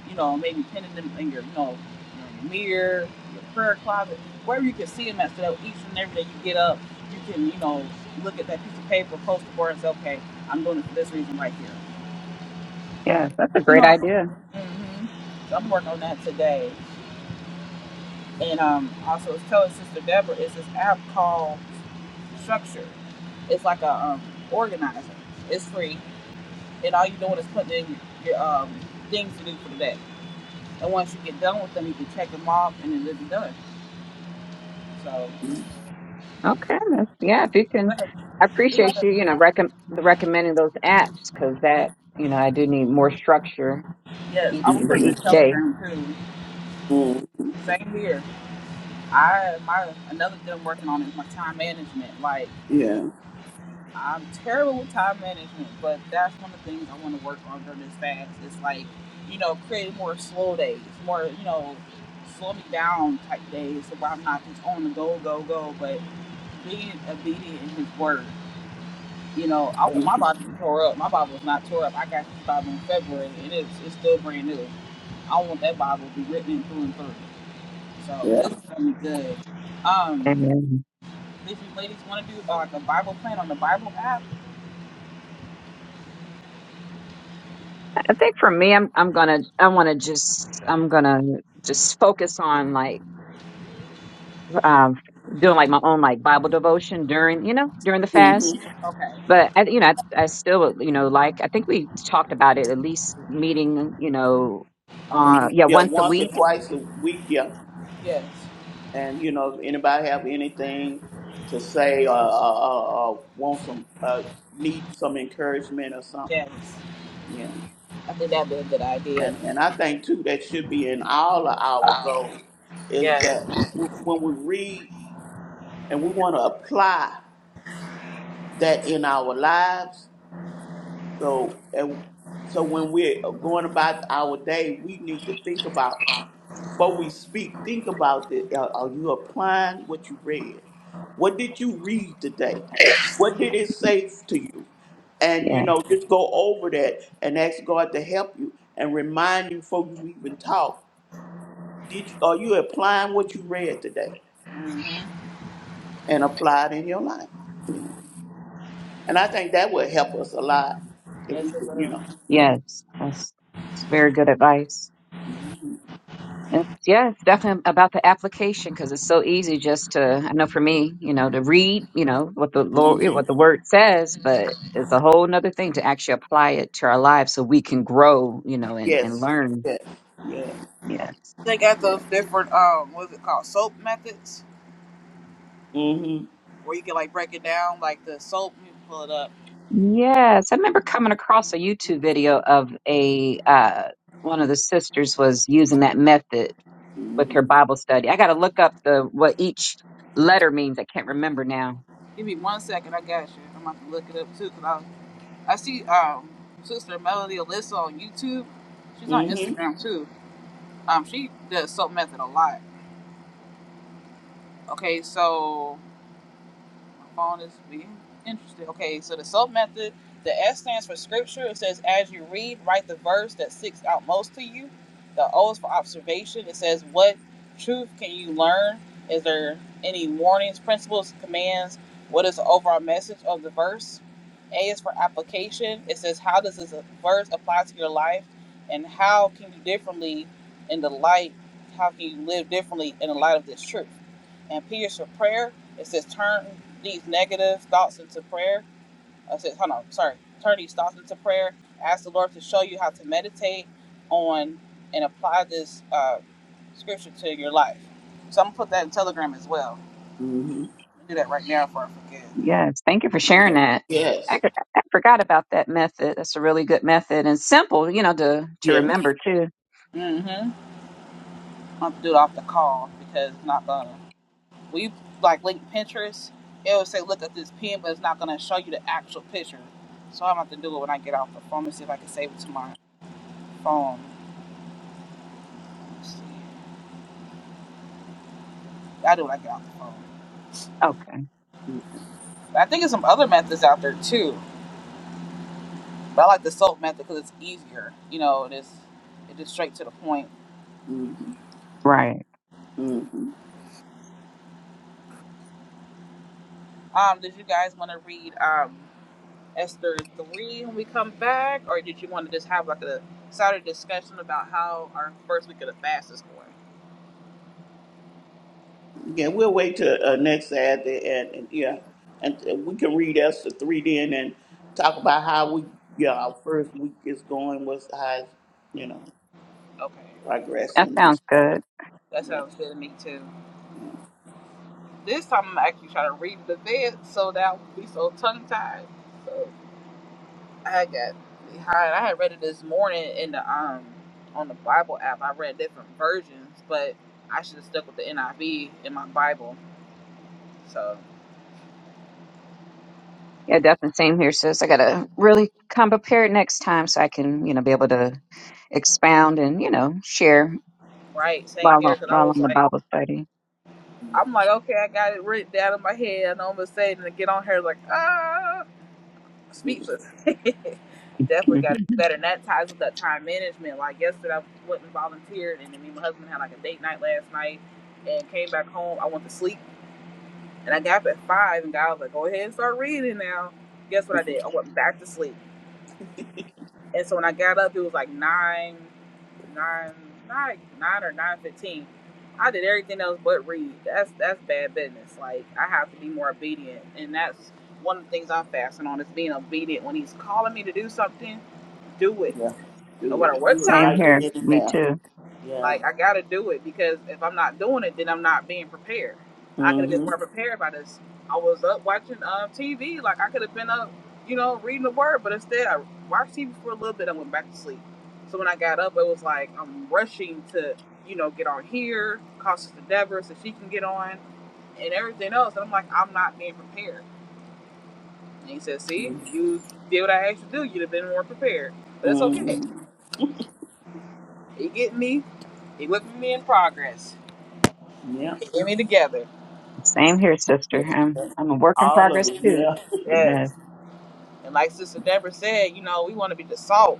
Speaker 1: you know maybe pinning them in your you know mirror, your prayer closet, wherever you can see them at. So each and every day you get up, you can, you know, look at that piece of paper, post it board, and okay, I'm doing it for this reason right here.
Speaker 3: Yes, that's a
Speaker 1: You
Speaker 3: great
Speaker 1: know, what?
Speaker 3: idea.
Speaker 1: mm-hmm. so I'm working on that today. And um, also, telling Sister Deborah, is this app called Structure. It's like a um, organizer. It's free, and all you're doing is putting in your, your um, things to do for the day. And once you get done with them, you can check them off, and then it's done. So,
Speaker 3: Okay, that's yeah, if you
Speaker 1: it's
Speaker 3: can
Speaker 1: like a,
Speaker 3: I
Speaker 1: it's like
Speaker 3: appreciate
Speaker 1: that.
Speaker 3: you, you know, recom- the recommending those apps because that, you know, I do need more structure
Speaker 1: Yes,
Speaker 3: each
Speaker 1: I will
Speaker 3: for
Speaker 1: put them in
Speaker 3: each
Speaker 2: Mhm.
Speaker 3: day.
Speaker 1: Telegram too.
Speaker 2: Mhm.
Speaker 1: Same here. I my another thing I'm working on is my time management. Like
Speaker 2: Yeah.
Speaker 1: I'm terrible with time management, but that's one of the things I want to work on during this fast. It's like you know creating more slow days, more you know slow me down type days, so where I'm not just on the go go go, but being obedient in His word. You know, I want my
Speaker 2: Mhm.
Speaker 1: Bible to be tore up. My Bible was not tore up. I got this Bible in February, and it's it's still brand new. I want that Bible to be written in through and through. So
Speaker 2: Yeah.
Speaker 1: this is gonna be good. Um,
Speaker 3: Amen.
Speaker 1: if you ladies want to do uh, like a Bible plan on the Bible app,
Speaker 3: I think for me, I'm I'm gonna I want to just I'm gonna just focus on like um, doing like my own like Bible devotion during you know during the fast.
Speaker 2: Mhm.
Speaker 1: okay.
Speaker 3: But I, you know I, I still you know like I think we talked about it at least meeting you know uh
Speaker 2: Mhm.
Speaker 3: yeah
Speaker 2: Yeah.
Speaker 3: once a
Speaker 2: Once or
Speaker 3: week.
Speaker 2: twice a week. Yeah.
Speaker 1: Yes,
Speaker 2: And you know, if anybody have anything to say or, or, or, or want some, uh, need some encouragement or something.
Speaker 1: yes.
Speaker 2: Yeah.
Speaker 1: I think that'd be a good idea.
Speaker 2: And and I think too that should be in all of our goals is
Speaker 1: Yes,
Speaker 2: that w- when we read and we want to apply that in our lives So and so when we're going about our day, we need to think about before we speak. Think about it. Are, are you applying what you read? What did you read today? What did it say to you? And you
Speaker 3: Yeah.
Speaker 2: know, just go over that and ask God to help you and remind you before you even talk. Did you, are you applying what you read today
Speaker 1: Mhm.
Speaker 2: and apply it in your life? And I think that would help us a lot if we
Speaker 1: yes, it
Speaker 2: could, you
Speaker 1: will.
Speaker 2: know, yeah.
Speaker 3: Yes. That's, that's very good advice. It's, yeah, it's definitely about the application because it's so easy just to, I know for me, you know, to read, you know, what the Lord,
Speaker 2: hmm
Speaker 3: what the word says, but it's a whole nother thing to actually apply it to our lives so we can grow, you know, and, and
Speaker 2: Yes.
Speaker 3: learn.
Speaker 2: Yes. Yes.
Speaker 3: Yes.
Speaker 1: They got
Speaker 2: Yes.
Speaker 1: those different um, what's it called, soap methods,
Speaker 2: Mhm.
Speaker 1: where you can like break it down, like the soap. Let me pull it up.
Speaker 3: Yes. I remember coming across a YouTube video of a, uh, one of the sisters was using that method with
Speaker 2: Mhm.
Speaker 3: her Bible study. I got to look up the, what each letter means. I can't remember now
Speaker 1: Give me one second. I got you. I'm about to look it up too, cause I I see um sister Melody Alyssa on YouTube. She's on
Speaker 2: Mhm.
Speaker 1: Instagram too. Um, she does soap method a lot. Okay, so I'm on being interested. Okay, so the self method, the S stands for scripture. It says, as you read, write the verse that sticks out most to you. The O is for observation. It says, what truth can you learn? Is there any warnings, principles, commands? What is the overall message of the verse? A is for application. It says, how does this verse apply to your life? And how can you differently in the light? How can you live differently in the light of this truth? and P is for prayer. It says turn these negative thoughts into prayer. Uh, It says, hold on, sorry, turn these thoughts into prayer. Ask the Lord to show you how to meditate on and apply this uh, scripture to your life. So I'm gonna put that in Telegram as well.
Speaker 2: Mhm.
Speaker 1: I'm gonna do that right now before I forget.
Speaker 3: Yes, thank you for sharing
Speaker 2: Yes.
Speaker 3: that. I,
Speaker 2: Yes.
Speaker 3: I forgot about that method. That's a really good method and simple, you know, to to
Speaker 2: Yeah.
Speaker 3: remember too.
Speaker 1: Mm-hmm. I'm gonna do it off the call because it's not gonna. We like link Pinterest. It will say look at this pin, but it's not gonna show you the actual picture. So I'm gonna have to do it when I get off the phone and see if I can save it to my phone. Let's see. I do when I get off the phone.
Speaker 3: Okay,
Speaker 1: But I think there's some other methods out there too. But I like the soap method because it's easier. You know, it is it is straight to the point.
Speaker 2: Mhm.
Speaker 3: right.
Speaker 2: Mhm.
Speaker 1: Um, did you guys want to read um, Esther three when we come back, or did you want to just have like a Saturday discussion about how our first week of the fast is going?
Speaker 2: Yeah. We'll wait till uh, next Saturday, and, and yeah, and uh, we can read Esther three then, and talk about how we yeah our first week is going, what's how it's, you know
Speaker 1: Okay,
Speaker 3: That
Speaker 2: progressing. and
Speaker 3: sounds
Speaker 2: stuff.
Speaker 3: good.
Speaker 1: that sounds good to me too. This time I'm actually trying to read the vid so that I won't be so tongue tied. So I got behind. I had read it this morning in the um on the Bible app. I read different versions, but I should have stuck with the NIV in my Bible. So
Speaker 3: Yeah, definitely. Same here, sis. I gotta really come prepared next time so I can, you know, be able to expound and you know share
Speaker 1: right, same
Speaker 3: while on-
Speaker 1: here. Cause I
Speaker 3: while
Speaker 1: was
Speaker 3: on the
Speaker 1: like,
Speaker 3: Bible study.
Speaker 1: I'm like, okay, I got it written down in my head. I know I'm gonna say it, and to get on here like ah,
Speaker 2: Yeah.
Speaker 1: speechless. Definitely
Speaker 3: hmm
Speaker 1: got to do better. And that ties with that time management. Like yesterday, I went and volunteered, and then me and my husband had like a date night last night, and came back home. I went to sleep And I got up at five, and God was like, "Go ahead and start reading now." Guess what I did? I went back to sleep. And so when I got up, it was like nine, nine, nine, nine or nine fifteen. I did everything else but read. That's that's bad business. Like I have to be more obedient, and that's one of the things I'm fasting on is being obedient. When He's calling me to do something, do it,
Speaker 2: yeah.
Speaker 1: no
Speaker 2: Do
Speaker 1: matter
Speaker 2: it.
Speaker 1: what
Speaker 2: Do it
Speaker 3: Same
Speaker 1: time
Speaker 2: right
Speaker 1: it
Speaker 3: here.
Speaker 1: is.
Speaker 2: then and
Speaker 3: Me
Speaker 2: now.
Speaker 3: too.
Speaker 2: Yeah.
Speaker 1: Like I gotta do it because if I'm not doing it, then I'm not being prepared. I could have been
Speaker 2: Mhm.
Speaker 1: more prepared by this. I was up watching um, TV, like I could have been up, you know, reading the word, but instead I watched TV for a little bit and went back to sleep. So when I got up, it was like I'm rushing to, you know, get on here, call Sister Deborah so she can get on, and everything else. And I'm like, I'm not being prepared. And he said, See,
Speaker 2: Mhm.
Speaker 1: if you did what I asked you to do, you'd have been more prepared. But it's okay.
Speaker 2: Mhm.
Speaker 1: He getting me, he whipping me in progress.
Speaker 2: Yeah.
Speaker 1: He getting me together.
Speaker 3: Same here, sister.
Speaker 2: Yes.
Speaker 3: I'm
Speaker 2: yes.
Speaker 3: I'm a work in
Speaker 2: All of
Speaker 3: progress
Speaker 2: it.
Speaker 3: too.
Speaker 2: Yeah.
Speaker 3: Yes,
Speaker 1: Yes. And like Sister Deborah said, you know, we want to be the salt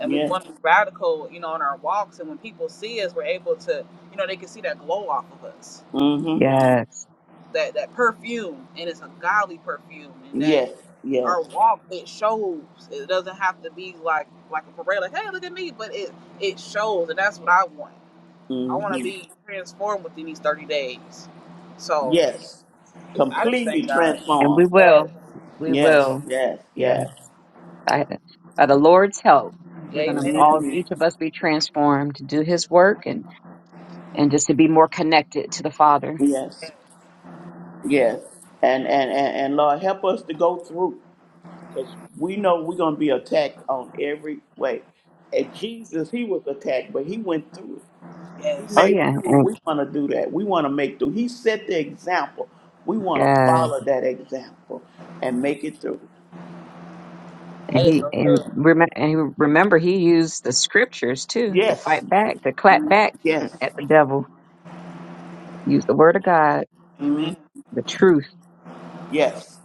Speaker 1: and we
Speaker 2: Yes.
Speaker 1: want to be radical, you know, in our walks. And when people see us, we're able to, you know, they can see that glow off of us,
Speaker 2: Mm-hmm.
Speaker 3: yes,
Speaker 1: that that perfume, and it's a godly perfume, and that
Speaker 2: Yes. Yes.
Speaker 1: our walk it shows. It doesn't have to be like like a parade, like hey, look at me, but it it shows, and that's what I want. I want to
Speaker 2: Mm-hmm.
Speaker 1: be transformed within these thirty days. So
Speaker 2: Yes.
Speaker 1: I just
Speaker 2: Completely
Speaker 1: thank God.
Speaker 3: and we
Speaker 2: transformed.
Speaker 1: Yes.
Speaker 3: will, we
Speaker 2: Yes.
Speaker 3: will.
Speaker 2: Yes. Yes.
Speaker 3: I, by the Lord's help, we're going to
Speaker 1: Amen.
Speaker 3: all,
Speaker 2: Mm-hmm.
Speaker 3: each of us, be transformed to do His work and and just to be more connected to the Father.
Speaker 1: Yes.
Speaker 2: Yes. Yes. And, and and and Lord, help us to go through because we know we're gonna be attacked on every way. And Jesus, he was attacked, but he went through it. He
Speaker 3: Oh
Speaker 1: Yes.
Speaker 2: made it
Speaker 3: yeah,
Speaker 2: through.
Speaker 3: and
Speaker 2: We want to do that. We want to make through. He set the example. We want to
Speaker 3: uh,
Speaker 2: follow that example and make it through.
Speaker 1: That
Speaker 3: and
Speaker 1: is
Speaker 3: he
Speaker 1: so
Speaker 3: and,
Speaker 1: true.
Speaker 3: rem- and he, remember he used the scriptures too to
Speaker 2: Yes.
Speaker 3: fight back, to clap
Speaker 1: hmm
Speaker 3: back
Speaker 2: Yes.
Speaker 3: at the devil. Use the Word of God,
Speaker 2: Mm,
Speaker 1: Amen.
Speaker 3: the truth.
Speaker 2: yes.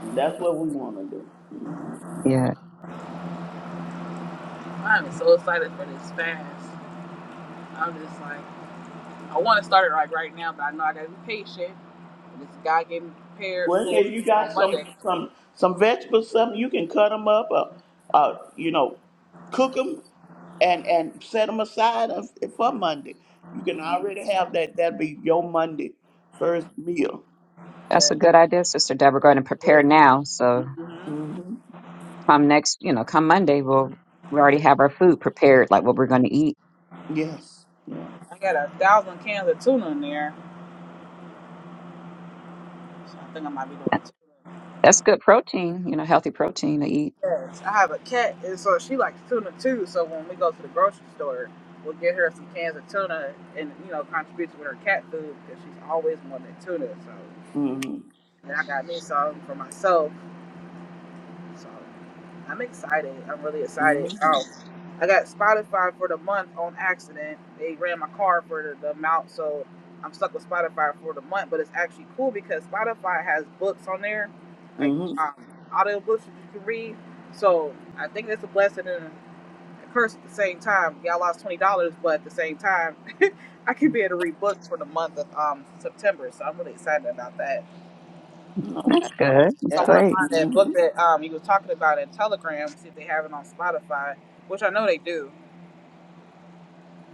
Speaker 2: That's what we want to do. Mm.
Speaker 3: Yeah,
Speaker 1: I'm so excited for this fast. I'm just like, I want to start it like right now, but I know I gotta be patient. And this guy getting prepared
Speaker 2: Well,
Speaker 1: for
Speaker 2: if you
Speaker 1: it
Speaker 2: got
Speaker 1: on
Speaker 2: some
Speaker 1: Monday.
Speaker 2: some some vegetables, something you can cut them up, or, uh, you know, cook them and and set them aside of- eh, for Monday. You can already have that. That'd be your Monday first meal.
Speaker 3: that's
Speaker 1: Yes.
Speaker 3: a good idea, Sister Deborah. Go ahead and prepare now. So
Speaker 1: Mm-hmm.
Speaker 2: hmm
Speaker 3: come next, you know, come Monday, we'll we already have our food prepared, like what we're going to eat.
Speaker 2: Yes. Yes.
Speaker 1: I got a thousand cans of tuna in there, so I think I might be doing a tuna.
Speaker 3: That's good protein, you know, healthy protein to eat.
Speaker 1: Yes, I have a cat, and so she likes tuna too. So when we go to the grocery store, we'll get her some cans of tuna, and you know, contribute with her cat food because she's always wanted tuna. So,
Speaker 2: hmm
Speaker 1: and I got me some for myself. So. I'm excited. I'm really excited.
Speaker 2: hmm
Speaker 1: Oh, I got Spotify for the month on accident. They ran my car for the, the amount, so I'm stuck with Spotify for the month. But it's actually cool because Spotify has books on there, like
Speaker 2: hmm
Speaker 1: um, audio books that you can read. So I think that's a blessing and a curse at the same time. Yeah, I lost twenty dollars, but at the same time, I can be able to read books for the month of um, September. So I'm really excited about that.
Speaker 3: That's
Speaker 2: Okay.
Speaker 3: good.
Speaker 1: So
Speaker 3: That's
Speaker 1: I
Speaker 2: Yeah.
Speaker 1: want to
Speaker 3: great.
Speaker 1: find that
Speaker 2: hmm
Speaker 1: book that um you was talking about in Telegram. See if they have it on Spotify, which I know they do.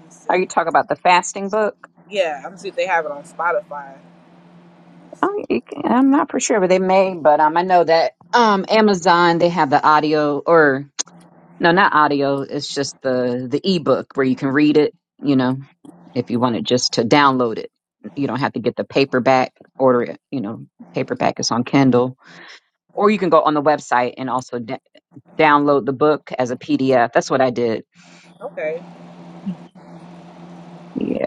Speaker 1: Let's
Speaker 3: Are
Speaker 1: see.
Speaker 3: you talking about the fasting book?
Speaker 1: Yeah, I'm gonna see if they have it on Spotify. Let's
Speaker 3: Oh,
Speaker 1: see.
Speaker 3: you can- I'm not for sure, but they may. But um, I know that um, Amazon they have the audio or no, not audio. It's just the the ebook where you can read it. You know, if you want it, just to download it, you don't have to get the paperback. Order it. You know, paperback is on Kindle, or you can go on the website and also d- download the book as a PDF. That's what I did.
Speaker 1: Okay,
Speaker 3: Yeah.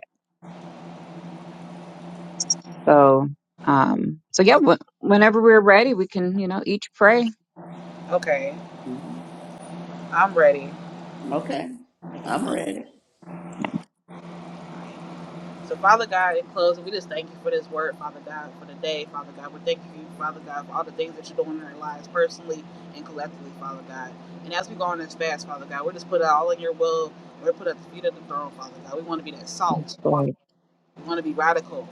Speaker 3: So, um, so yeah. Wh- whenever we're ready, we can you know each pray
Speaker 1: okay,
Speaker 2: hmm
Speaker 1: I'm ready.
Speaker 2: Okay. I'm ready.
Speaker 1: So Father God, in closing, we just thank you for this word, Father God, for the day, Father God. We thank you, Father God, for all the things that you're doing in our lives, personally and collectively, Father God. And as we go on this fast, Father God, we just put it all in your will. We're put at the feet of the throne, Father God. We want to be that
Speaker 3: Yes,
Speaker 1: salt
Speaker 3: Lord.
Speaker 1: We want to be radical.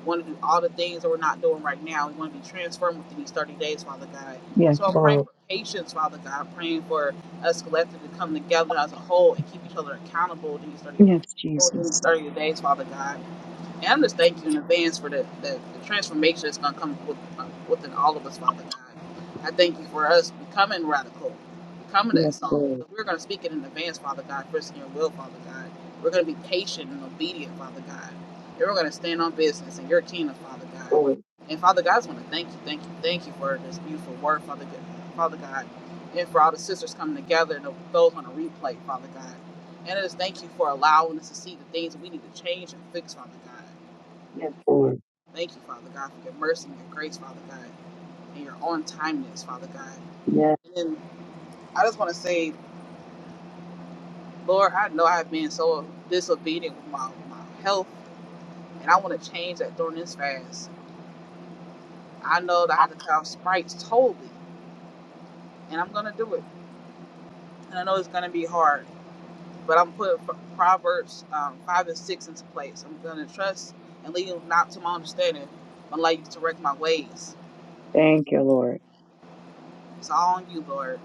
Speaker 1: We want to do all the things that we're not doing right now. We want to be transformed within these 30 days, Father God.
Speaker 3: Yes,
Speaker 1: So I'm praying
Speaker 3: Lord.
Speaker 1: for patience, Father God. I'm praying for us collectively to come together as a whole and keep each other accountable these thirty
Speaker 3: Yes,
Speaker 1: 30
Speaker 3: Jesus.
Speaker 1: days, Father God. And I just thank you in advance for the, the, the transformation that's going to come with, uh, within all of us, Father God. I thank you for us becoming radical, becoming
Speaker 3: Yes,
Speaker 1: that song.
Speaker 3: Lord.
Speaker 1: But we're going to speak it in advance, Father God, first in your will, Father God. We're going to be patient and obedient, Father God. And we're going to stand on business in your kingdom, Father God.
Speaker 3: Lord.
Speaker 1: And Father God, I just want to thank you, thank you, thank you for this beautiful word, Father God. Father God. And for all the sisters coming together and those on a replay, Father God. And I just thank you for allowing us to see the things that we need to change and fix, Father God.
Speaker 3: Yes, Lord.
Speaker 1: Thank you, Father God, for your mercy and your grace, Father God, and your on timeness, Father God.
Speaker 3: Yes.
Speaker 1: And then I just want to say, Lord, I know I've been so disobedient with my, my health, and I want to change that during this fast. I know that I have to cut off sprites totally, and I'm going to do it. And I know it's going to be hard, but I'm putting Proverbs um, 5 and 6 into place. I'm going to trust and lean not to my understanding, but allow you to direct my ways.
Speaker 3: Thank you, Lord.
Speaker 1: It's all on you, Lord.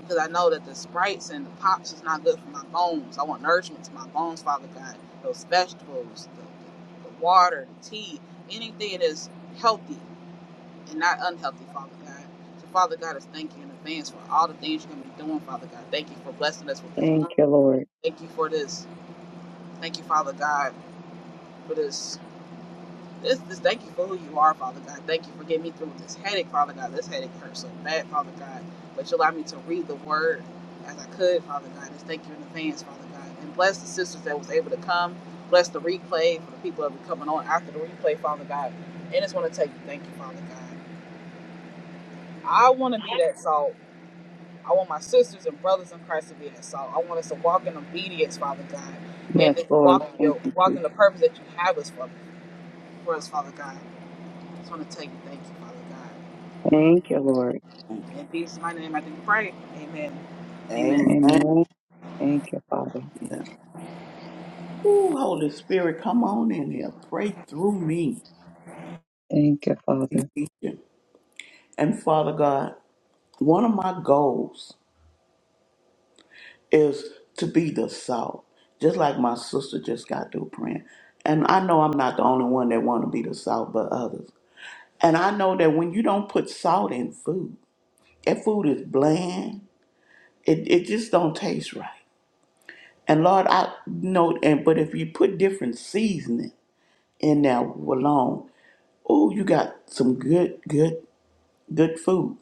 Speaker 1: because I know that the sprites and the pops is not good for my bones. I want nourishment to my bones, Father God. Those vegetables, the, the, the water, the tea, anything that's healthy and not unhealthy, Father God. So, Father God, I thank you in advance for all the things you're going to be doing, Father God. Thank you for blessing us with this
Speaker 3: Thank
Speaker 1: room.
Speaker 3: you, Lord.
Speaker 1: Thank you for this. Thank you, Father God, for this this, this, thank you for who you are, Father God. Thank you for getting me through this headache, Father God. This headache hurts so bad, Father God. But you allowed me to read the word as I could, Father God. Just thank you in advance, Father God. And bless the sisters that was able to come. Bless the replay for the people that will be coming on after the replay, Father God. And just want to tell you, thank you, Father God. I want to be that salt. I want my sisters and brothers in Christ to be that salt. I want us to walk in obedience, Father God.
Speaker 3: Yes,
Speaker 1: And to
Speaker 3: Lord.
Speaker 1: walk, in
Speaker 3: Thank
Speaker 1: your,
Speaker 3: you,
Speaker 1: walk
Speaker 3: Jesus.
Speaker 1: in the purpose that you have us for, for us, Father God. I Just want to tell you, thank you, Father God.
Speaker 3: Thank you,
Speaker 1: In
Speaker 3: Lord.
Speaker 1: Jesus' mighty name, I do pray. Amen. Amen.
Speaker 2: Amen.
Speaker 3: Amen. Thank you, Father.
Speaker 2: Ooh, Holy Spirit, come on in here. Pray through me.
Speaker 3: Thank you, Father.
Speaker 2: And Father God, one of my goals is to be the salt, just like my sister just got through praying. And I know I'm not the only one that want to be the salt, but others. And I know that when you don't put salt in food, that food is bland. It, it just don't taste right. And Lord, I know, and but if you put different seasoning in there alone, oh, you got some good, good. good food.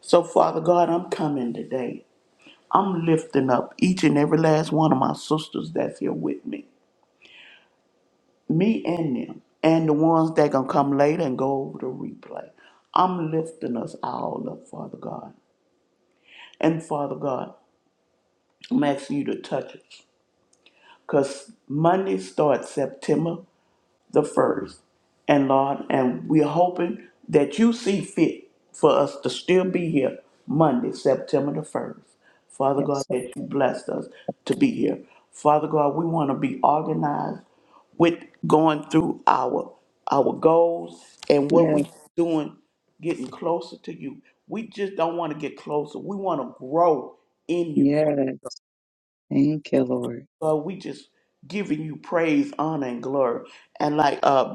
Speaker 2: So, Father God, I'm coming today. I'm lifting up each and every last one of my sisters that's here with me, me and them, and the ones that gonna come later and go over the replay. I'm lifting us all up, Father God. And Father God, I'm asking you to touch us. Because Monday starts September the first. And Lord, and we're hoping that you see fit for us to still be here Monday, September the 1st. Father God,
Speaker 3: Yes, Lord.
Speaker 2: that you blessed us to be here. Father God, we want to be organized with going through our our goals and what
Speaker 3: Yes.
Speaker 2: we doing getting closer to you. We just don't want to get closer. We want to grow in you. Father.
Speaker 3: Yes. Thank you, Lord.
Speaker 2: God, we just giving you praise, honor, and glory. And like uh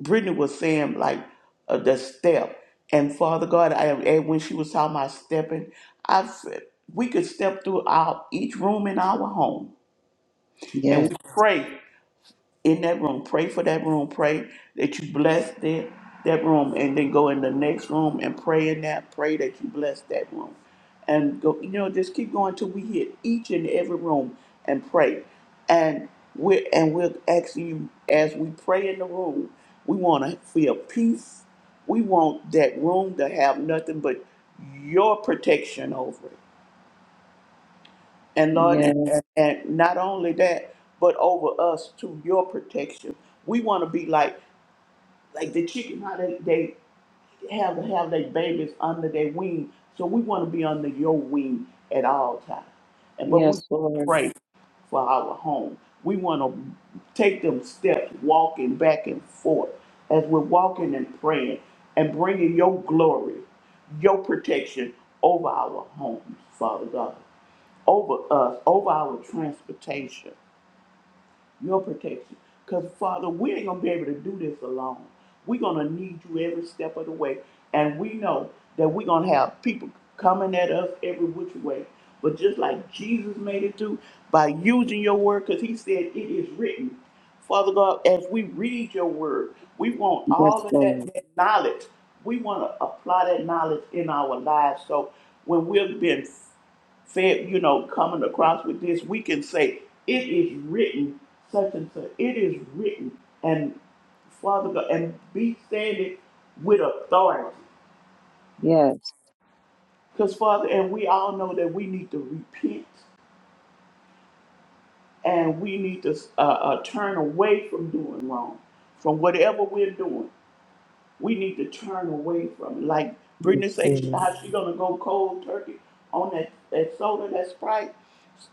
Speaker 2: Brittany was saying like uh, the step, and Father God, I, and when she was talking about stepping, I said we could step through our each room in our home, and
Speaker 3: Yes.
Speaker 2: we pray in that room. Pray for that room. Pray that you bless that that room, and then go in the next room and pray in that. Pray that you bless that room, and go. You know, just keep going till we hit each and every room and pray. And we're and we're asking you as we pray in the room. We want to feel peace. We want that room to have nothing but your protection over it and Lord, and,
Speaker 3: Yes.
Speaker 2: and and not only that, but over us to your protection. We want to be like like the chicken, how they, they have to have their babies under their wing. So we want to be under your wing at all times. And but we
Speaker 3: Yes, Lord.
Speaker 2: pray for our home. We want to take them steps, walking back and forth as we're walking and praying and bringing your glory, your protection over our homes, Father God over us, over our transportation, your protection. Because, Father, we ain't going to be able to do this alone. We're going to need you every step of the way. And we know that we're going to have people coming at us every which way. But just like Jesus made it do by using your word, because he said it is written. Father God, as we read your word, we want
Speaker 3: Yes,
Speaker 2: all of that,
Speaker 3: Lord.
Speaker 2: that knowledge. We want to apply that knowledge in our lives. So when we're being said, you know, coming across with this, we can say, it is written, such and such. It is written. And Father God, and be standing with authority.
Speaker 3: Yes.
Speaker 2: Because, Father, and we all know that we need to repent and we need to uh, uh, turn away from doing wrong, from whatever we're doing. we need to turn away from like Brittany
Speaker 3: Yes,
Speaker 2: said she,
Speaker 3: Lord.
Speaker 2: how she gonna go cold turkey on that, that soda, that Sprite.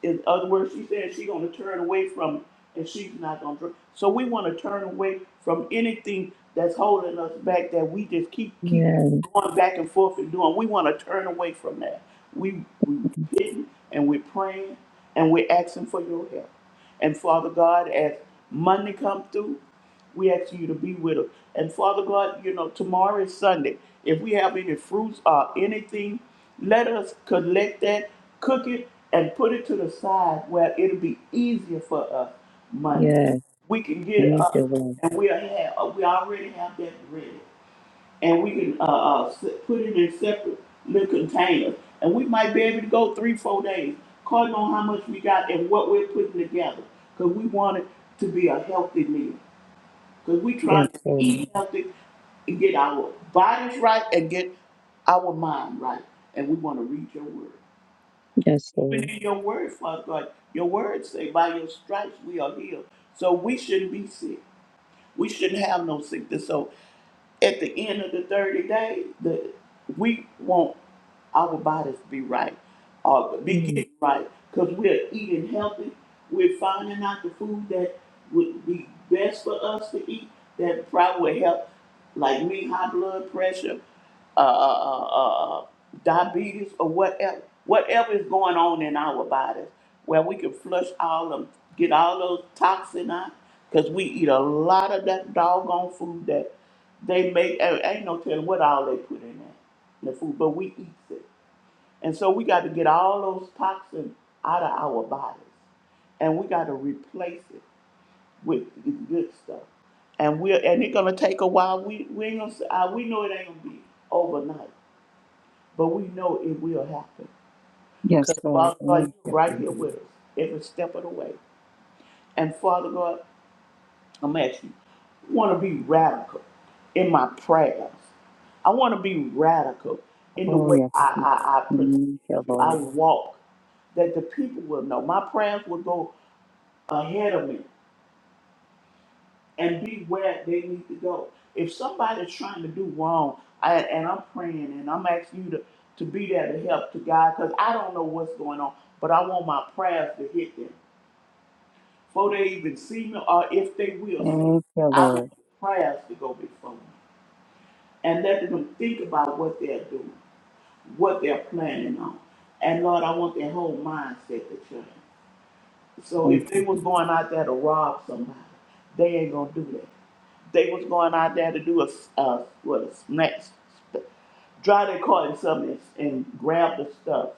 Speaker 2: In other words, she said she gonna turn away from it and she's not gonna drink. So we wanna turn away from anything that's holding us back that we just keep keep
Speaker 3: Yes.
Speaker 2: going back and forth and doing. We wanna turn away from that. We we repenting and we're praying and we're asking for your help. And Father God, as Monday come through. We ask you to be with us. And Father God, you know, tomorrow is Sunday. If we have any fruits or anything, let us collect that, cook it, and put it to the side where it'll be easier for us Monday.
Speaker 3: Yes.
Speaker 2: We can get it
Speaker 3: Thank you,
Speaker 2: up,
Speaker 3: Lord.
Speaker 2: and we have we already have that ready, and we can uh, uh, s- put it in separate little containers, and we might be able to go three, four days, according on how much we got and what we're putting together, because we want it to be a healthy meal. Because we
Speaker 3: Yes,
Speaker 2: trying to
Speaker 3: Lord.
Speaker 2: eat healthy and get our bodies right and get our mind right. And we want to read your word.
Speaker 3: Yes,
Speaker 2: Even
Speaker 3: Lord.
Speaker 2: in your word, Father God, your word say, by your stripes we are healed. So we shouldn't be sick. We shouldn't have no sickness. So at the end of the 30 days, the, we won't our bodies be right, uh, be getting right, because we're eating healthy. We're finding out the food that would be best for us to eat that probably would help, like me, high blood pressure, uh, uh, uh, uh, uh, diabetes, or whatever, whatever is going on in our bodies, where we can flush all them, get all those toxin out, because we eat a lot of that doggone food that they make. Ain't ain't no telling what all they put in that in the food, but we eat it. And so we got to get all those toxins out of our bodies. And we got to replace it with the good stuff. And we're and it's gonna take a while. We we ain't gonna say, uh, we know it ain't gonna be overnight, but we know it will happen.
Speaker 3: Yes,
Speaker 2: Because
Speaker 3: Lord.
Speaker 2: Father God,
Speaker 3: Thank
Speaker 2: you're
Speaker 3: you,
Speaker 2: right
Speaker 3: Lord.
Speaker 2: here with us every step of the way. And Father God, I'm asking you, want to be radical in my prayers. I want to be radical in the
Speaker 3: Oh,
Speaker 2: way
Speaker 3: yes.
Speaker 2: I,
Speaker 3: Jesus.
Speaker 2: I, I present
Speaker 3: Thank you,
Speaker 2: you. I
Speaker 3: Lord.
Speaker 2: walk. that the people will know. My prayers will go ahead of me and be where they need to go. If somebody's trying to do wrong, I, and I'm praying and I'm asking you to, to be there to help to God because I don't know what's going on, but I want my prayers to hit them before they even see me or if they will see me.
Speaker 3: Thank you,
Speaker 2: I want
Speaker 3: Lord.
Speaker 2: the prayers to go before me and let them think about what they're doing, what they're planning on. And Lord, I want their whole mindset to change. So
Speaker 3: Thank
Speaker 2: if they
Speaker 3: you.
Speaker 2: was
Speaker 3: Jesus.
Speaker 2: going out there to rob somebody, they ain't gonna do that. They was going out there to do a, s- uh, what a snatch, st- drive their car and something and, and grab the stuff.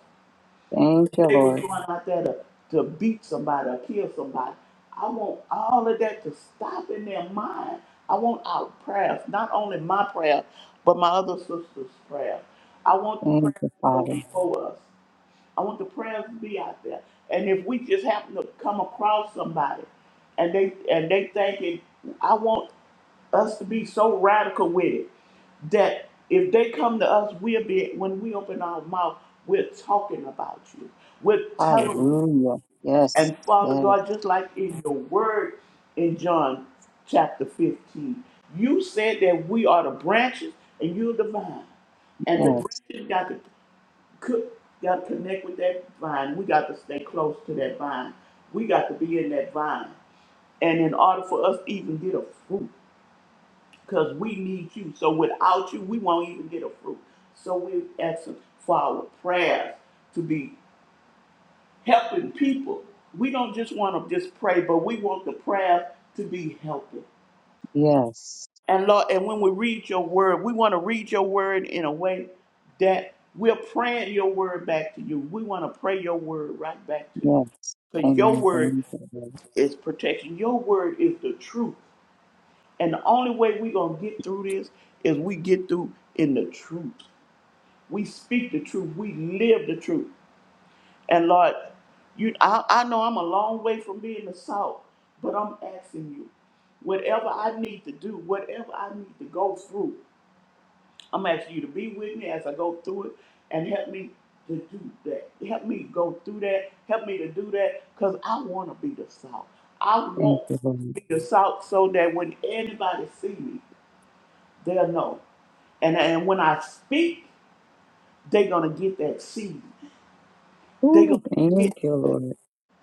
Speaker 3: Thank you,
Speaker 2: They was
Speaker 3: Lord.
Speaker 2: going out there to, to beat somebody or kill somebody. I want all of that to stop in their mind. I want our prayers, not only my prayer, but my other sister's prayer. I want the
Speaker 3: Thank
Speaker 2: prayer
Speaker 3: you,
Speaker 2: to go
Speaker 3: Father.
Speaker 2: before us. I want the prayers to be out there. And if we just happen to come across somebody and they and they thinking, I want us to be so radical with it that if they come to us, we'll be when we open our mouth, we're talking about you. We're telling them.
Speaker 3: Hallelujah. Yes,
Speaker 2: And Father
Speaker 3: yes,
Speaker 2: God, just like in your word in John chapter 15, you said that we are the branches and you're the vine. And the
Speaker 3: yes,
Speaker 2: branches got to could, got to connect with that vine. We got to stay close to that vine. We got to be in that vine. And in order for us to even get a fruit, because we need you. So without you, we won't even get a fruit. So we're asking for our prayers to be helping people. We don't just want to just pray, but we want the prayers to be helping.
Speaker 3: yes,
Speaker 2: And Lord, and when we read your word, we want to read your word in a way that we're praying your word back to you. We want to pray your word right back to you.
Speaker 3: yes.
Speaker 2: Because your
Speaker 3: Amen.
Speaker 2: word
Speaker 3: Thank you, Lord.
Speaker 2: is protection. Your word is the truth. And the only way we're going to get through this is we get through in the truth. We speak the truth. We live the truth. And Lord, you, I, I know I'm a long way from being the salt, but I'm asking you, whatever I need to do, whatever I need to go through, I'm asking you to be with me as I go through it and help me to do that. Help me go through that. Help me to do that because I want to be the salt. I
Speaker 3: Thank
Speaker 2: want to
Speaker 3: you, Lord.
Speaker 2: be the salt so that when anybody see me, they'll know. And, and when I speak, they're going to get that seed. They're going
Speaker 3: Ooh,
Speaker 2: to get
Speaker 3: thank you,
Speaker 2: that.
Speaker 3: Lord.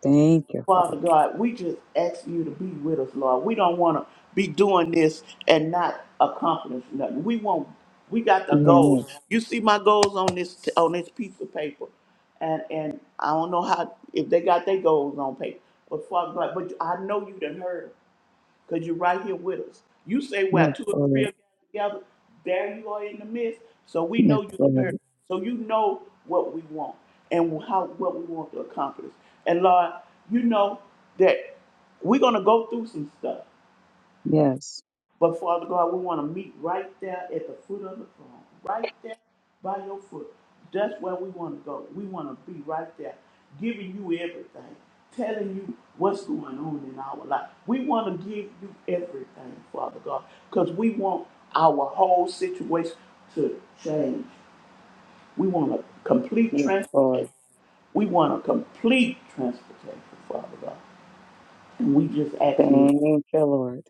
Speaker 3: Thank you,
Speaker 2: Father
Speaker 3: Father.
Speaker 2: God, we just ask you to be with us, Lord. We don't want to be doing this and not accomplish nothing. We want, we got the
Speaker 3: Yes,
Speaker 2: goals. You see my goals on this on this piece of paper, and and I don't know how if they got their goals on paper, but Father God, but I know you done heard 'em because you're right here with us. You say, well,
Speaker 3: yes,
Speaker 2: two or three
Speaker 3: Lord.
Speaker 2: are gathered together, there you are in the midst. So we
Speaker 3: Yes,
Speaker 2: know you heard.
Speaker 3: Lord.
Speaker 2: So you know what we want and how what we want to accomplish. And Lord, you know that we're gonna go through some stuff.
Speaker 3: Yes,
Speaker 2: But Father God, we want to meet right there at the foot of the throne, right there by your foot. That's where we want to go. We want to be right there, giving you everything, telling you what's going on in our life. We want to give you everything, Father God, because we want our whole situation to change. We want a complete
Speaker 3: yes,
Speaker 2: transportation.
Speaker 3: Lord.
Speaker 2: We want a complete transportation, Father God. And we just ask you.
Speaker 3: Thank you, Lord.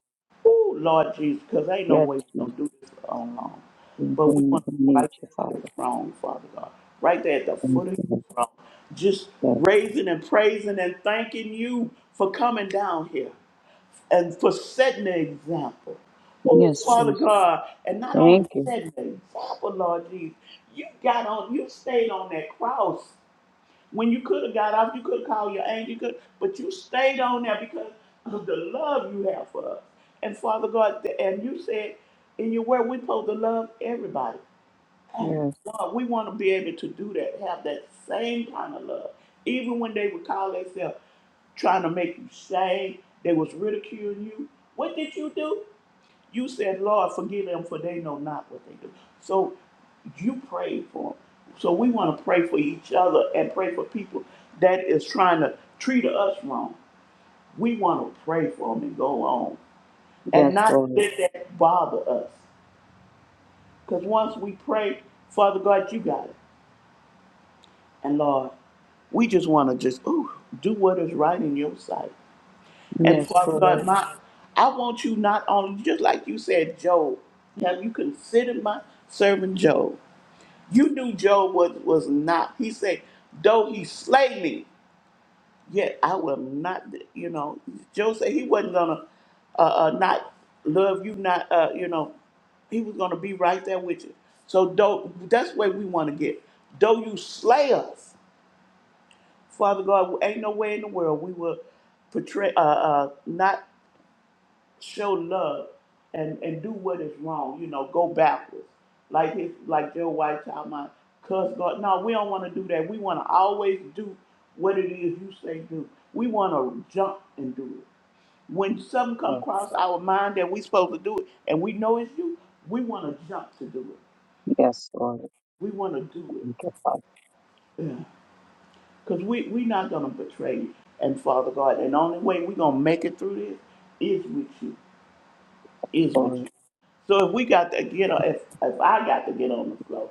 Speaker 2: Oh, Lord Jesus, because ain't no
Speaker 3: Yes,
Speaker 2: way we're
Speaker 3: Jesus.
Speaker 2: going to do this for long.
Speaker 3: We
Speaker 2: But we
Speaker 3: we
Speaker 2: want to be
Speaker 3: need
Speaker 2: right
Speaker 3: you,
Speaker 2: there at
Speaker 3: Father.
Speaker 2: your throne, Father God. Right there at the
Speaker 3: Thank
Speaker 2: foot of
Speaker 3: you,
Speaker 2: your throne. Just
Speaker 3: Lord.
Speaker 2: raising and praising and thanking you for coming down here and for setting the example. Oh,
Speaker 3: Yes,
Speaker 2: Father
Speaker 3: Jesus.
Speaker 2: God, and not
Speaker 3: Thank
Speaker 2: only
Speaker 3: you.
Speaker 2: setting the example, Lord Jesus, you got on, you stayed on that cross when you could have got off, you could have called your angel, you could, but you stayed on there because of the love you have for us. And Father God, th- and you said in your word, we supposed to love everybody. And
Speaker 3: Yes.
Speaker 2: God, we want to be able to do that, have that same kind of love. Even when they would call themselves trying to make you shame, they was ridiculing you. What did you do? You said, Lord, forgive them for they know not what they do. So you prayed for them. So we want to pray for each other and pray for people that is trying to treat us wrong. We want to pray for them and go on and
Speaker 3: Yes,
Speaker 2: not
Speaker 3: Lord.
Speaker 2: let that bother us. Because once we pray, Father God, you got it. And Lord, we just want to just ooh, do what is right in your sight. And
Speaker 3: Yes,
Speaker 2: Father God,
Speaker 3: Lord.
Speaker 2: my I want you not only just like you said, Job. Have you considered my servant Job? You knew Job was, was not. He said, though he slay me, yet I will not, you know. Job said he wasn't going to uh, uh, not love you, not, uh, you know, he was going to be right there with you. So though, that's where we want to get. Though you slay us, Father God, ain't no way in the world we will portray, uh, uh, not show love and and do what is wrong. You know, go backwards. Like his like Joe White talking cuss God. No, we don't want to do that. We want to always do what it is you say do. We want to jump and do it. When something come
Speaker 3: Yes,
Speaker 2: across our mind that we supposed to do it, and we know it's you, we want to jump to do it.
Speaker 3: Yes, Lord.
Speaker 2: We want to do
Speaker 3: Thank
Speaker 2: it.
Speaker 3: you, Father.
Speaker 2: Yeah. Cause we we not gonna betray you and Father God. And the only way we gonna make it through this is with you.
Speaker 3: Yes,
Speaker 2: Is with you.
Speaker 3: Lord.
Speaker 2: So if we got to get on, if, if I got to get on the floor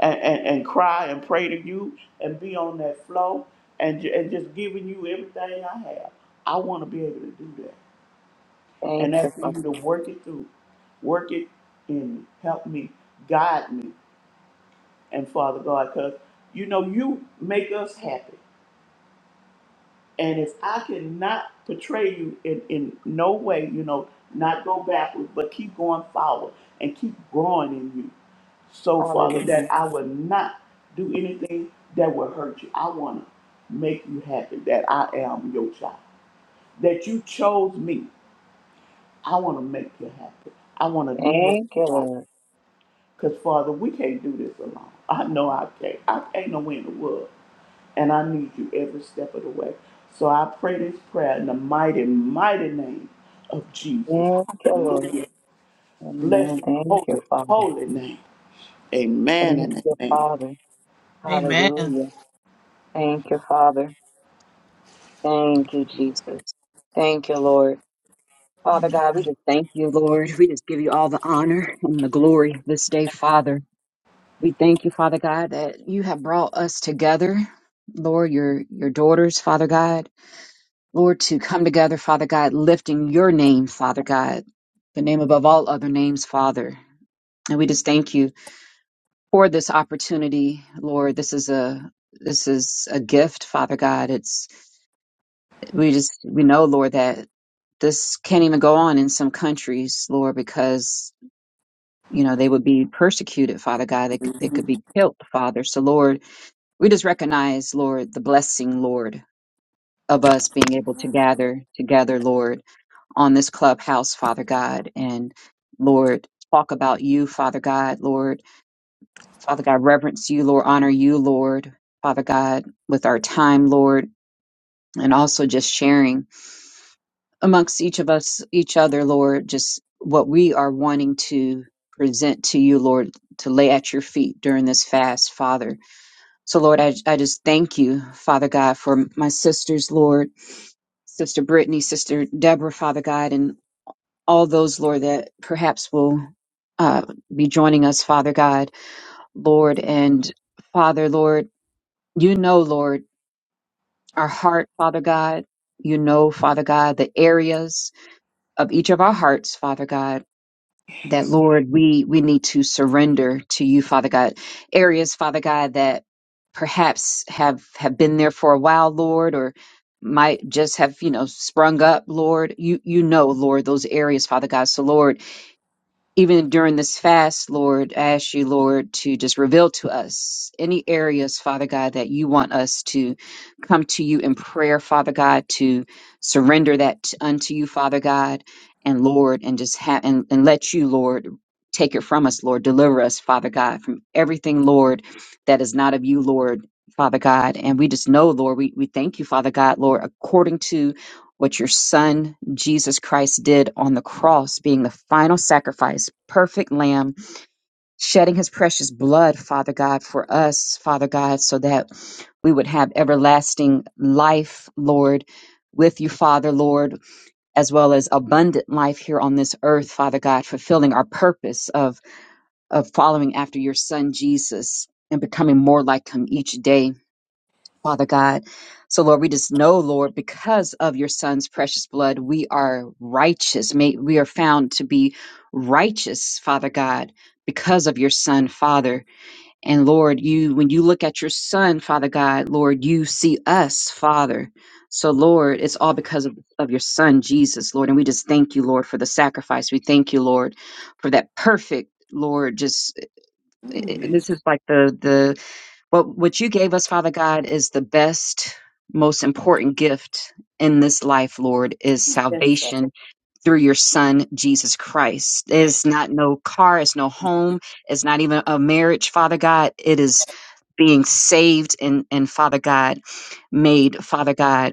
Speaker 2: and, and, and cry and pray to you and be on that floor and, ju- and just giving you everything I have, I want to be able to do that.
Speaker 3: Thank
Speaker 2: And
Speaker 3: you,
Speaker 2: that's for
Speaker 3: Father.
Speaker 2: you to work it through, work it and help me, guide me, and Father God, because you know you make us happy. And if I cannot portray you in, in no way, you know, not go backwards, but keep going forward and keep growing in you So, Father,
Speaker 3: Hallelujah.
Speaker 2: that I will not do anything that will hurt you. I want to make you happy that I am your child. That you chose me. I want to make you happy. I want to do what is
Speaker 3: Thank you,
Speaker 2: right.
Speaker 3: Lord.
Speaker 2: Because, Father, we can't do this alone. I know I can't. I can't no way in the world. And I need you every step of the way. So I pray this prayer in the mighty, mighty name of Jesus.
Speaker 3: Thank you, Lord.
Speaker 2: Hallelujah. Bless
Speaker 3: Amen.
Speaker 2: your
Speaker 3: Thank you,
Speaker 2: holy,
Speaker 3: Father.
Speaker 2: holy name. Amen
Speaker 3: Thank
Speaker 2: and
Speaker 3: you,
Speaker 2: amen.
Speaker 3: Father.
Speaker 1: Amen.
Speaker 3: Hallelujah. Thank you, Father. Thank you, Jesus. Thank you, Lord. Father God, we just thank you, Lord. We just give you all the honor and the glory this day, Father. We thank you, Father God, that you have brought us together, Lord, your your daughters, Father God, Lord, to come together, Father God, lifting your name, Father God, the name above all other names, Father. And we just thank you for this opportunity, Lord. This is a this is a gift, Father God. It's we just we know, Lord, that this can't even go on in some countries, Lord, because you know they would be persecuted, Father God. They could, they could
Speaker 2: Mhm.
Speaker 3: be killed, Father. So, Lord. We just recognize, Lord, the blessing, Lord, of us being able to gather together, Lord, on this clubhouse, Father God, and Lord, talk about you, Father God, Lord. Father God, reverence you, Lord, honor you, Lord, Father God, with our time, Lord, and also just sharing amongst each of us, each other, Lord, just what we are wanting to present to you, Lord, to lay at your feet during this fast, Father. So, Lord, I, I just thank you, Father God, for my sisters, Lord, Sister Brittany, Sister Deborah, Father God, and all those, Lord, that perhaps will uh, be joining us, Father God, Lord, and Father, Lord, you know, Lord, our heart, Father God, you know, Father God, the areas of each of our hearts, Father God. that Lord, we we need to surrender to you, Father God. Areas, Father God, that perhaps have have been there for a while, Lord, or might just have you know sprung up, Lord. You you know, Lord, those areas, Father God. So, Lord even during this fast, Lord, I ask you, Lord, to just reveal to us any areas, Father God, that you want us to come to you in prayer, Father God, to surrender that unto you, Father God, and Lord, and just have and, and let you, Lord, take it from us, Lord, deliver us, Father God, from everything, Lord, that is not of you, Lord. Father God, and we just know, Lord, we, we thank you, Father God, Lord, according to what your son Jesus Christ did on the cross, being the final sacrifice, perfect lamb, shedding his precious blood, Father God, for us, Father God, so that we would have everlasting life, Lord, with you, Father, Lord, as well as abundant life here on this earth, Father God, fulfilling our purpose of, of following after your son Jesus and becoming more like him each day. Father God. So, Lord, we just know, Lord, because of your son's precious blood, we are righteous. May, we are found to be righteous, Father God, because of your son, Father. And Lord, you, when you look at your son, Father God, Lord, you see us, Father. So, Lord, it's all because of, of your son, Jesus, Lord. And we just thank you, Lord, for the sacrifice. We thank you, Lord, for that perfect, Lord, just, eh,
Speaker 2: Ooh,
Speaker 3: eh, eh,
Speaker 2: Yes.
Speaker 3: this is like the, the, but what you gave us, Father God, is the best, most important gift in this life, Lord, is
Speaker 2: Yes, Father.
Speaker 3: salvation through your son, Jesus Christ. It's not no car, it's no home, it's not even a marriage, Father God. It is being saved and, and Father God, made, Father God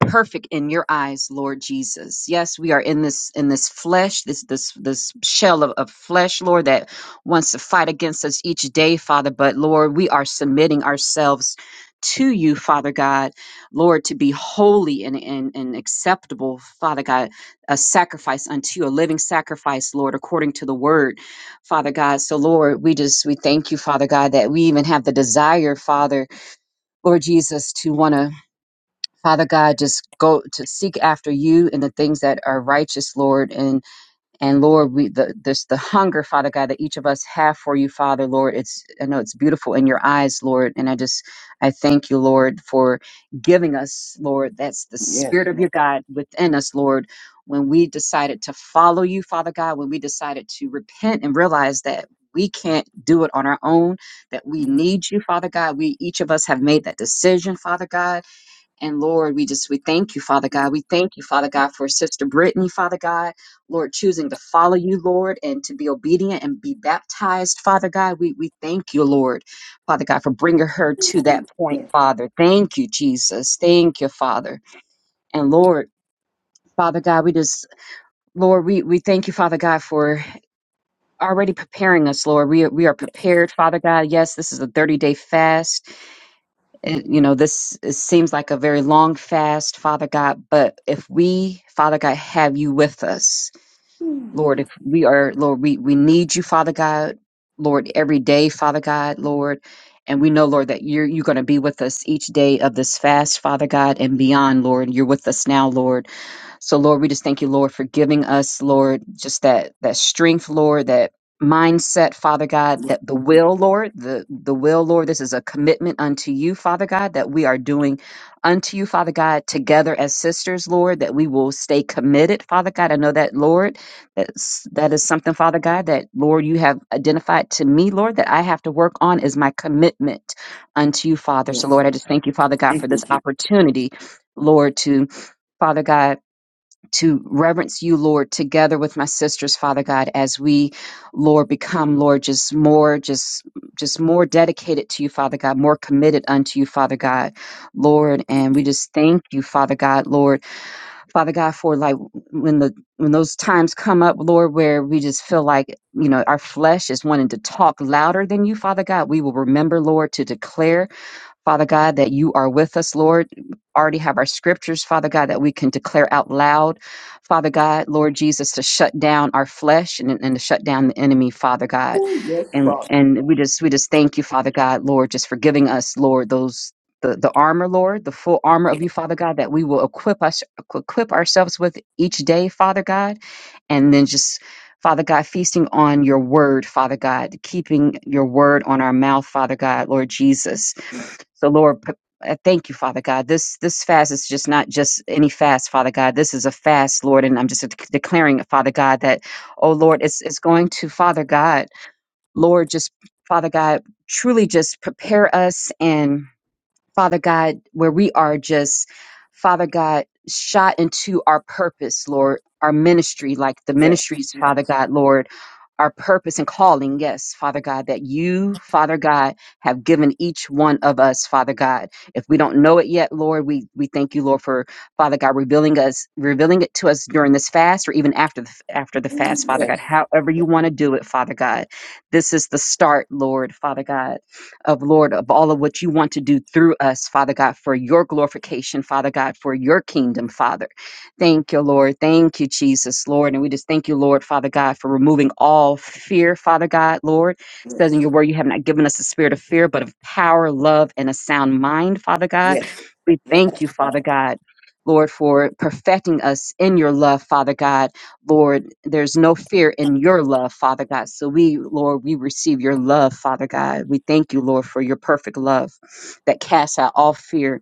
Speaker 3: perfect in your eyes lord jesus yes we are in this in this flesh this this this shell of, of flesh lord that wants to fight against us each day father but lord we are submitting ourselves to you father god lord to be holy and and, and acceptable father god a sacrifice unto you a living sacrifice lord according to the word father god so lord we just we thank you father god that we even have the desire father lord jesus to want to Father God, just go to seek after you and the things that are righteous, Lord. And and Lord, we the this the hunger, Father God, that each of us have for you, Father, Lord. It's I know it's beautiful in your eyes, Lord. And I just I thank you, Lord, for giving us, Lord. That's the
Speaker 2: Yes,
Speaker 3: spirit of
Speaker 2: Lord.
Speaker 3: your God within us, Lord. When we decided to follow you, Father God, when we decided to repent and realize that we can't do it on our own, that we need you, Father God. We each of us have made that decision, Father God and Lord, we just, we thank you, Father God. We thank you, Father God, for Sister Brittany, Father God. Lord, choosing to follow you, Lord, and to be obedient and be baptized, Father God. We, we thank you, Lord, Father God, for bringing her to that point,
Speaker 2: Yes,
Speaker 3: Father. Thank you, Jesus. Thank you, Father. And Lord, Father God, we just, Lord, we, we thank you, Father God, for already preparing us, Lord. We, are- we are
Speaker 2: yes,
Speaker 3: prepared, Father God. Yes, this is a 30 day fast. it- you know, this it seems like a very long fast, Father God, but if we, Father God, have you with us, Lord, if we are, Lord, we, we need you, Father God, Lord, every day, Father God, Lord. And we know, Lord, that you're, you're going to be with us each day of this fast, Father God, and beyond, Lord. You're with us now, Lord. So Lord, we just thank you, Lord, for giving us, Lord, just that that strength, Lord, that mindset, Father God,
Speaker 2: yes,
Speaker 3: that the
Speaker 2: yes,
Speaker 3: will, Lord, the the will, Lord, this is a commitment unto you, Father God, that we are doing unto you, Father God, together as sisters, Lord, that we will stay committed, Father God. I know that, Lord, that's that is something, Father God, that Lord, you have identified to me, Lord, that I have to work on is my commitment unto you, Father. So
Speaker 2: yes.
Speaker 3: Lord, I just thank you, Father God,
Speaker 2: Thank
Speaker 3: for
Speaker 2: you,
Speaker 3: this
Speaker 2: Jesus.
Speaker 3: opportunity, Lord, to Father God to reverence you, Lord, together with my sisters, Father God, as we, Lord, become, Lord, just more, just, just more dedicated to you, Father God, more committed unto you, Father God, Lord. And we just thank you, Father God, Lord, Father God, for like when the, when those times come up, Lord, where we just feel like, you know, our flesh is wanting to talk louder than you, Father God, we will remember, Lord, to declare Father God, that you are with us, Lord. Already have our scriptures, Father God, that we can declare out loud, Father God, Lord Jesus, to shut down our flesh and, and to shut down the enemy, Father God.
Speaker 2: Ooh, Yes,
Speaker 3: And
Speaker 2: Father.
Speaker 3: and we just we just thank you, Father God, Lord, just for giving us, Lord, those the, the armor, Lord, the full armor of you, Father God, that we will equip us equip ourselves with each day, Father God, and then just Father God, feasting on your word, Father God, keeping your word on our mouth, Father God, Lord Jesus
Speaker 2: Yes,
Speaker 3: so, Lord, p- I thank you, Father God. This this fast is just not just any fast, Father God. This is a fast, Lord, and I'm just dec- declaring, Father God, that oh Lord, it's it's going to, Father God, Lord, just Father God, truly just prepare us and Father God, where we are just, Father God, shot into our purpose, Lord, our ministry, like the
Speaker 2: yes,
Speaker 3: ministries, Father God, Lord, our purpose and calling, yes, Father God, that you, Father God, have given each one of us, Father God. If we don't know it yet, Lord, we, we thank you, Lord, for Father God revealing us, revealing it to us during this fast or even after the after the fast, Father God.
Speaker 2: yes,
Speaker 3: However you want to do it, Father God. This is the start, Lord, Father God of Lord, of all of what you want to do through us, Father God, for your glorification, Father God, for your kingdom, Father. Thank you, Lord. Thank you, Jesus, Lord. And we just thank you, Lord, Father God, for removing all fear, Father God, Lord. It says
Speaker 2: yes, yes,
Speaker 3: in your word, you have not given us a spirit of fear, but of power, love, and a sound mind, Father God.
Speaker 2: yes,
Speaker 3: We thank you,
Speaker 2: yes,
Speaker 3: Father
Speaker 2: Father.
Speaker 3: God. Lord, for perfecting us in your love, Father God. Lord, there's no fear in your love, Father God. So we, Lord, we receive your love, Father God. We thank you, Lord, for your perfect love that casts out all fear,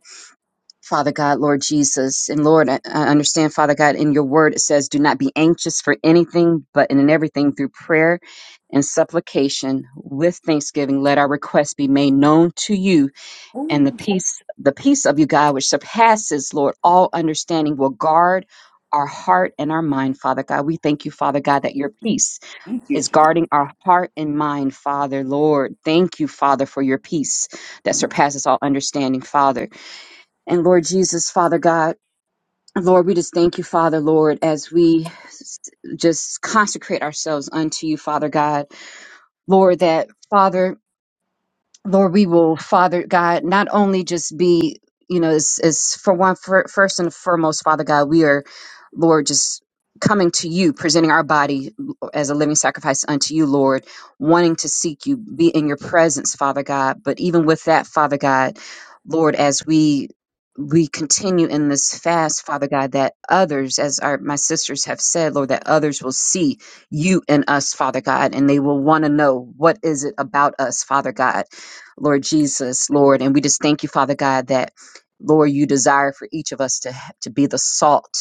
Speaker 3: Father God, Lord Jesus. And Lord, I I understand, Father God, in your word it says, do not be anxious for anything, but in everything through prayer and supplication with thanksgiving, let our requests be made known to you and the
Speaker 2: Ooh,
Speaker 3: peace the peace of you god which surpasses lord all understanding will guard our heart and our mind father god we thank you father god that your peace
Speaker 2: thank you,
Speaker 3: is
Speaker 2: Jesus.
Speaker 3: guarding our heart and mind father lord thank you father for your peace that surpasses all understanding father and lord jesus father god Lord, we just thank you, Father, Lord, as we s- just consecrate ourselves unto you, Father God. Lord, that, Father, Lord, we will, Father God, not only just be, you know, as, as for one, for, first and foremost, Father God, we are, Lord, just coming to you, presenting our body as a living sacrifice unto you, Lord, wanting to seek you, be in your presence, Father God. But even with that, Father God, Lord, as we we continue in this fast, Father God, that others, as our my sisters have said, Lord, that others will see you in us, Father God, and they will want to know what is it about us, Father God Lord Jesus, Lord. And we just thank you, Father God, that Lord, you desire for each of us to, to be the salt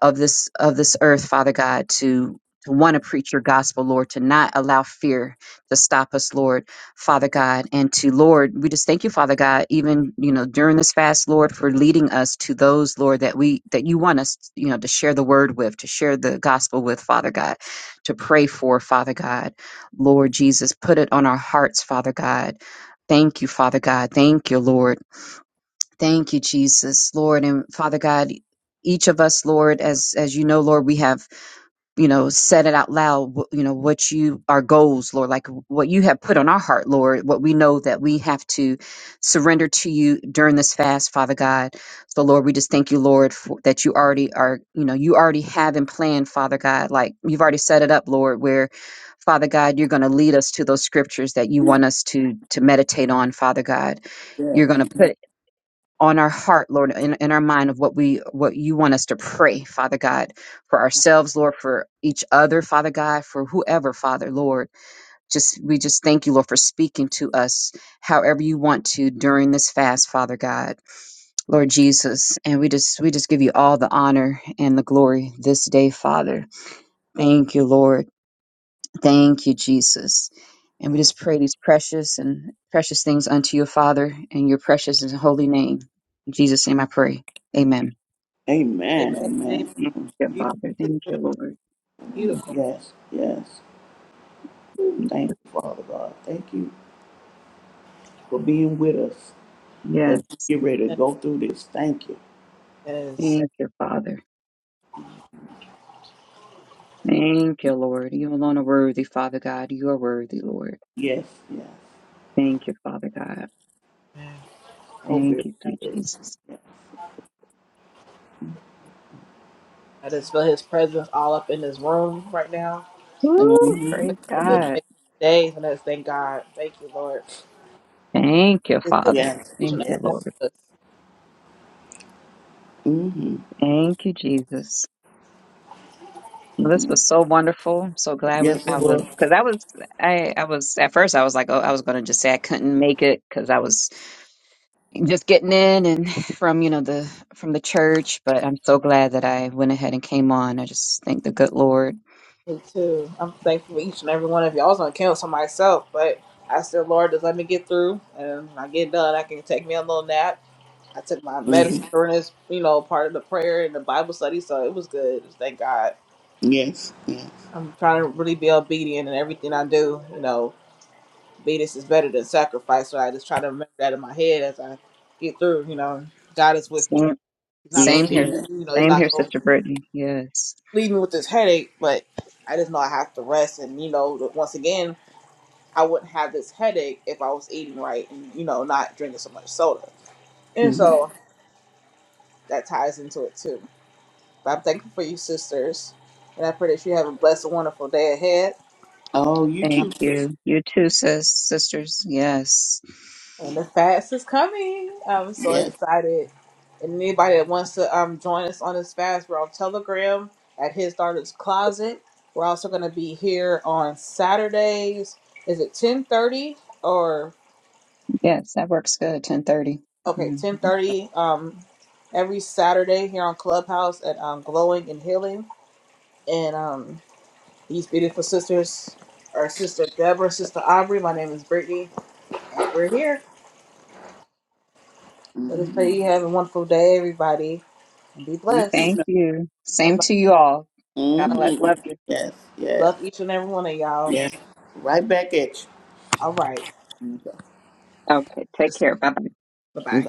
Speaker 3: of this of this earth, Father God, to to want to preach your gospel, Lord, to not allow fear to stop us, Lord, Father God, and to Lord, we just thank you, Father God, even you know during this fast, Lord, for leading us to those, Lord, that we that you want us, you know, to share the word with, to share the gospel with, Father God, to pray for, Father God, Lord Jesus, put it on our hearts, Father God. Thank you, Father God. Thank you, Lord. Thank you, Jesus, Lord and Father God. Each of us, Lord, as as you know, Lord, we have you know said it out loud. wh- You know what you our goals, Lord, like what you have put on our heart, Lord. What we know that we have to surrender to you during this fast, Father God. So, Lord, we just thank you, Lord, for, that you already are. You know, you already have in plan, Father God. Like you've already set it up, Lord, where. Father God, you're going to lead us to those scriptures that you want us to to meditate on, Father God
Speaker 2: Yes.
Speaker 3: you're going to put on our heart, Lord, in, in our mind of what we what you want us to pray, Father God, for ourselves, Lord, for each other, Father God, for whoever, Father, Lord. Just we just thank you, Lord, for speaking to us however you want to during this fast, Father God, Lord Jesus. And we just we just give you all the honor and the glory this day, Father. Thank you, Lord. Thank you, Jesus. And we just pray these precious and precious things unto your Father in your precious and holy name. In Jesus' name I pray. Amen.
Speaker 2: Amen.
Speaker 1: Amen. Amen.
Speaker 2: Amen.
Speaker 3: Thank you, Father. Thank you, Lord.
Speaker 2: Yes, yes. Thank you, Father God. Thank you for being with us
Speaker 3: Yes.
Speaker 2: as we get ready to go through this. Thank you.
Speaker 1: Yes.
Speaker 3: Thank you, Father. Thank you, Lord. You alone are worthy, Father God. You are worthy, Lord.
Speaker 2: Yes, yes.
Speaker 3: Thank you, Father God.
Speaker 1: I
Speaker 2: So
Speaker 3: Thank
Speaker 2: very
Speaker 3: you, sweet
Speaker 2: good.
Speaker 3: Jesus.
Speaker 1: just feel his presence all up in this room right now. And
Speaker 3: Woo,
Speaker 2: Mm-hmm.
Speaker 1: I'm
Speaker 3: praise
Speaker 1: with this
Speaker 2: Yes,
Speaker 3: God.
Speaker 1: next days, and I just thank God. Thank you, Lord.
Speaker 3: Thank you,
Speaker 1: It's with
Speaker 3: Father.
Speaker 2: yes,
Speaker 1: each
Speaker 3: Thank
Speaker 1: and
Speaker 3: you,
Speaker 2: yes.
Speaker 1: every one
Speaker 3: Lord.
Speaker 1: of us.
Speaker 2: Mm-hmm.
Speaker 3: Thank you, Jesus. Well, this was so wonderful. I'm so
Speaker 1: And
Speaker 3: glad we
Speaker 2: Yes,
Speaker 3: I
Speaker 2: it
Speaker 3: was
Speaker 2: was.
Speaker 3: because I was I I was at first I was like oh I was gonna just say I couldn't make it because I was just getting in and from you know the from the church, but I'm so glad that I went ahead and came on. I just thank the good Lord.
Speaker 1: for Me too. I'm thankful for each and every one of you. I was gonna cancel myself, but I said, Lord, just let me get through and when I get done. I can take me a little nap I took my medicine
Speaker 2: Mm-hmm.
Speaker 1: during this, you know, part of the prayer and the Bible study, so it was good. Thank God.
Speaker 2: Yes, yes.
Speaker 1: I'm trying to really be obedient in everything I do. You know, obedience is better than sacrifice, so I just try to remember that in my head as I get through. You know, God is with me.
Speaker 3: Same,
Speaker 1: He's not
Speaker 2: Yes,
Speaker 1: gonna
Speaker 3: same
Speaker 2: he
Speaker 3: here,
Speaker 1: leave me.
Speaker 2: is.
Speaker 1: You know, He's
Speaker 3: same here,
Speaker 1: not gonna
Speaker 3: Sister Brittany. Yes,
Speaker 1: leave me with this headache. But I just know I have to rest, and you know, once again, I wouldn't have this headache if I was eating right and you know, not drinking so much soda. And
Speaker 2: hmm
Speaker 1: so that ties into it too. But I'm thankful for you, sisters. And I pray that you have a blessed and wonderful day ahead.
Speaker 2: Oh, you
Speaker 3: thank
Speaker 2: too. sis.
Speaker 3: you. You too, sis, sisters. Yes,
Speaker 1: And the fast is coming. I'm so
Speaker 2: Yes.
Speaker 1: excited. And anybody that wants to um, join us on this fast, we're on Telegram at His Daughter's Closet. We're also going to be here on Saturdays. Is it 10.30 or,
Speaker 3: yes, that works good. Ten thirty.
Speaker 1: okay,
Speaker 3: Mm-hmm.
Speaker 1: 10.30 um, every Saturday here on Clubhouse at um, Glowing and Healing. And um, these beautiful sisters are Sister Deborah, Sister Aubrey. My name is Brittany And we're here. So just pray
Speaker 2: hmm
Speaker 1: you have a wonderful day, everybody, and be
Speaker 2: You
Speaker 1: blessed.
Speaker 3: Thank
Speaker 2: too.
Speaker 3: you. Same
Speaker 1: Bye-bye.
Speaker 3: to you all. God bless.
Speaker 2: Mm-hmm.
Speaker 3: Love you.
Speaker 2: Yes, yes,
Speaker 1: Love each and every one of y'all.
Speaker 2: yes. Right back at
Speaker 1: All right.
Speaker 2: you.
Speaker 3: Okay, take care. Bye bye.
Speaker 1: Bye bye.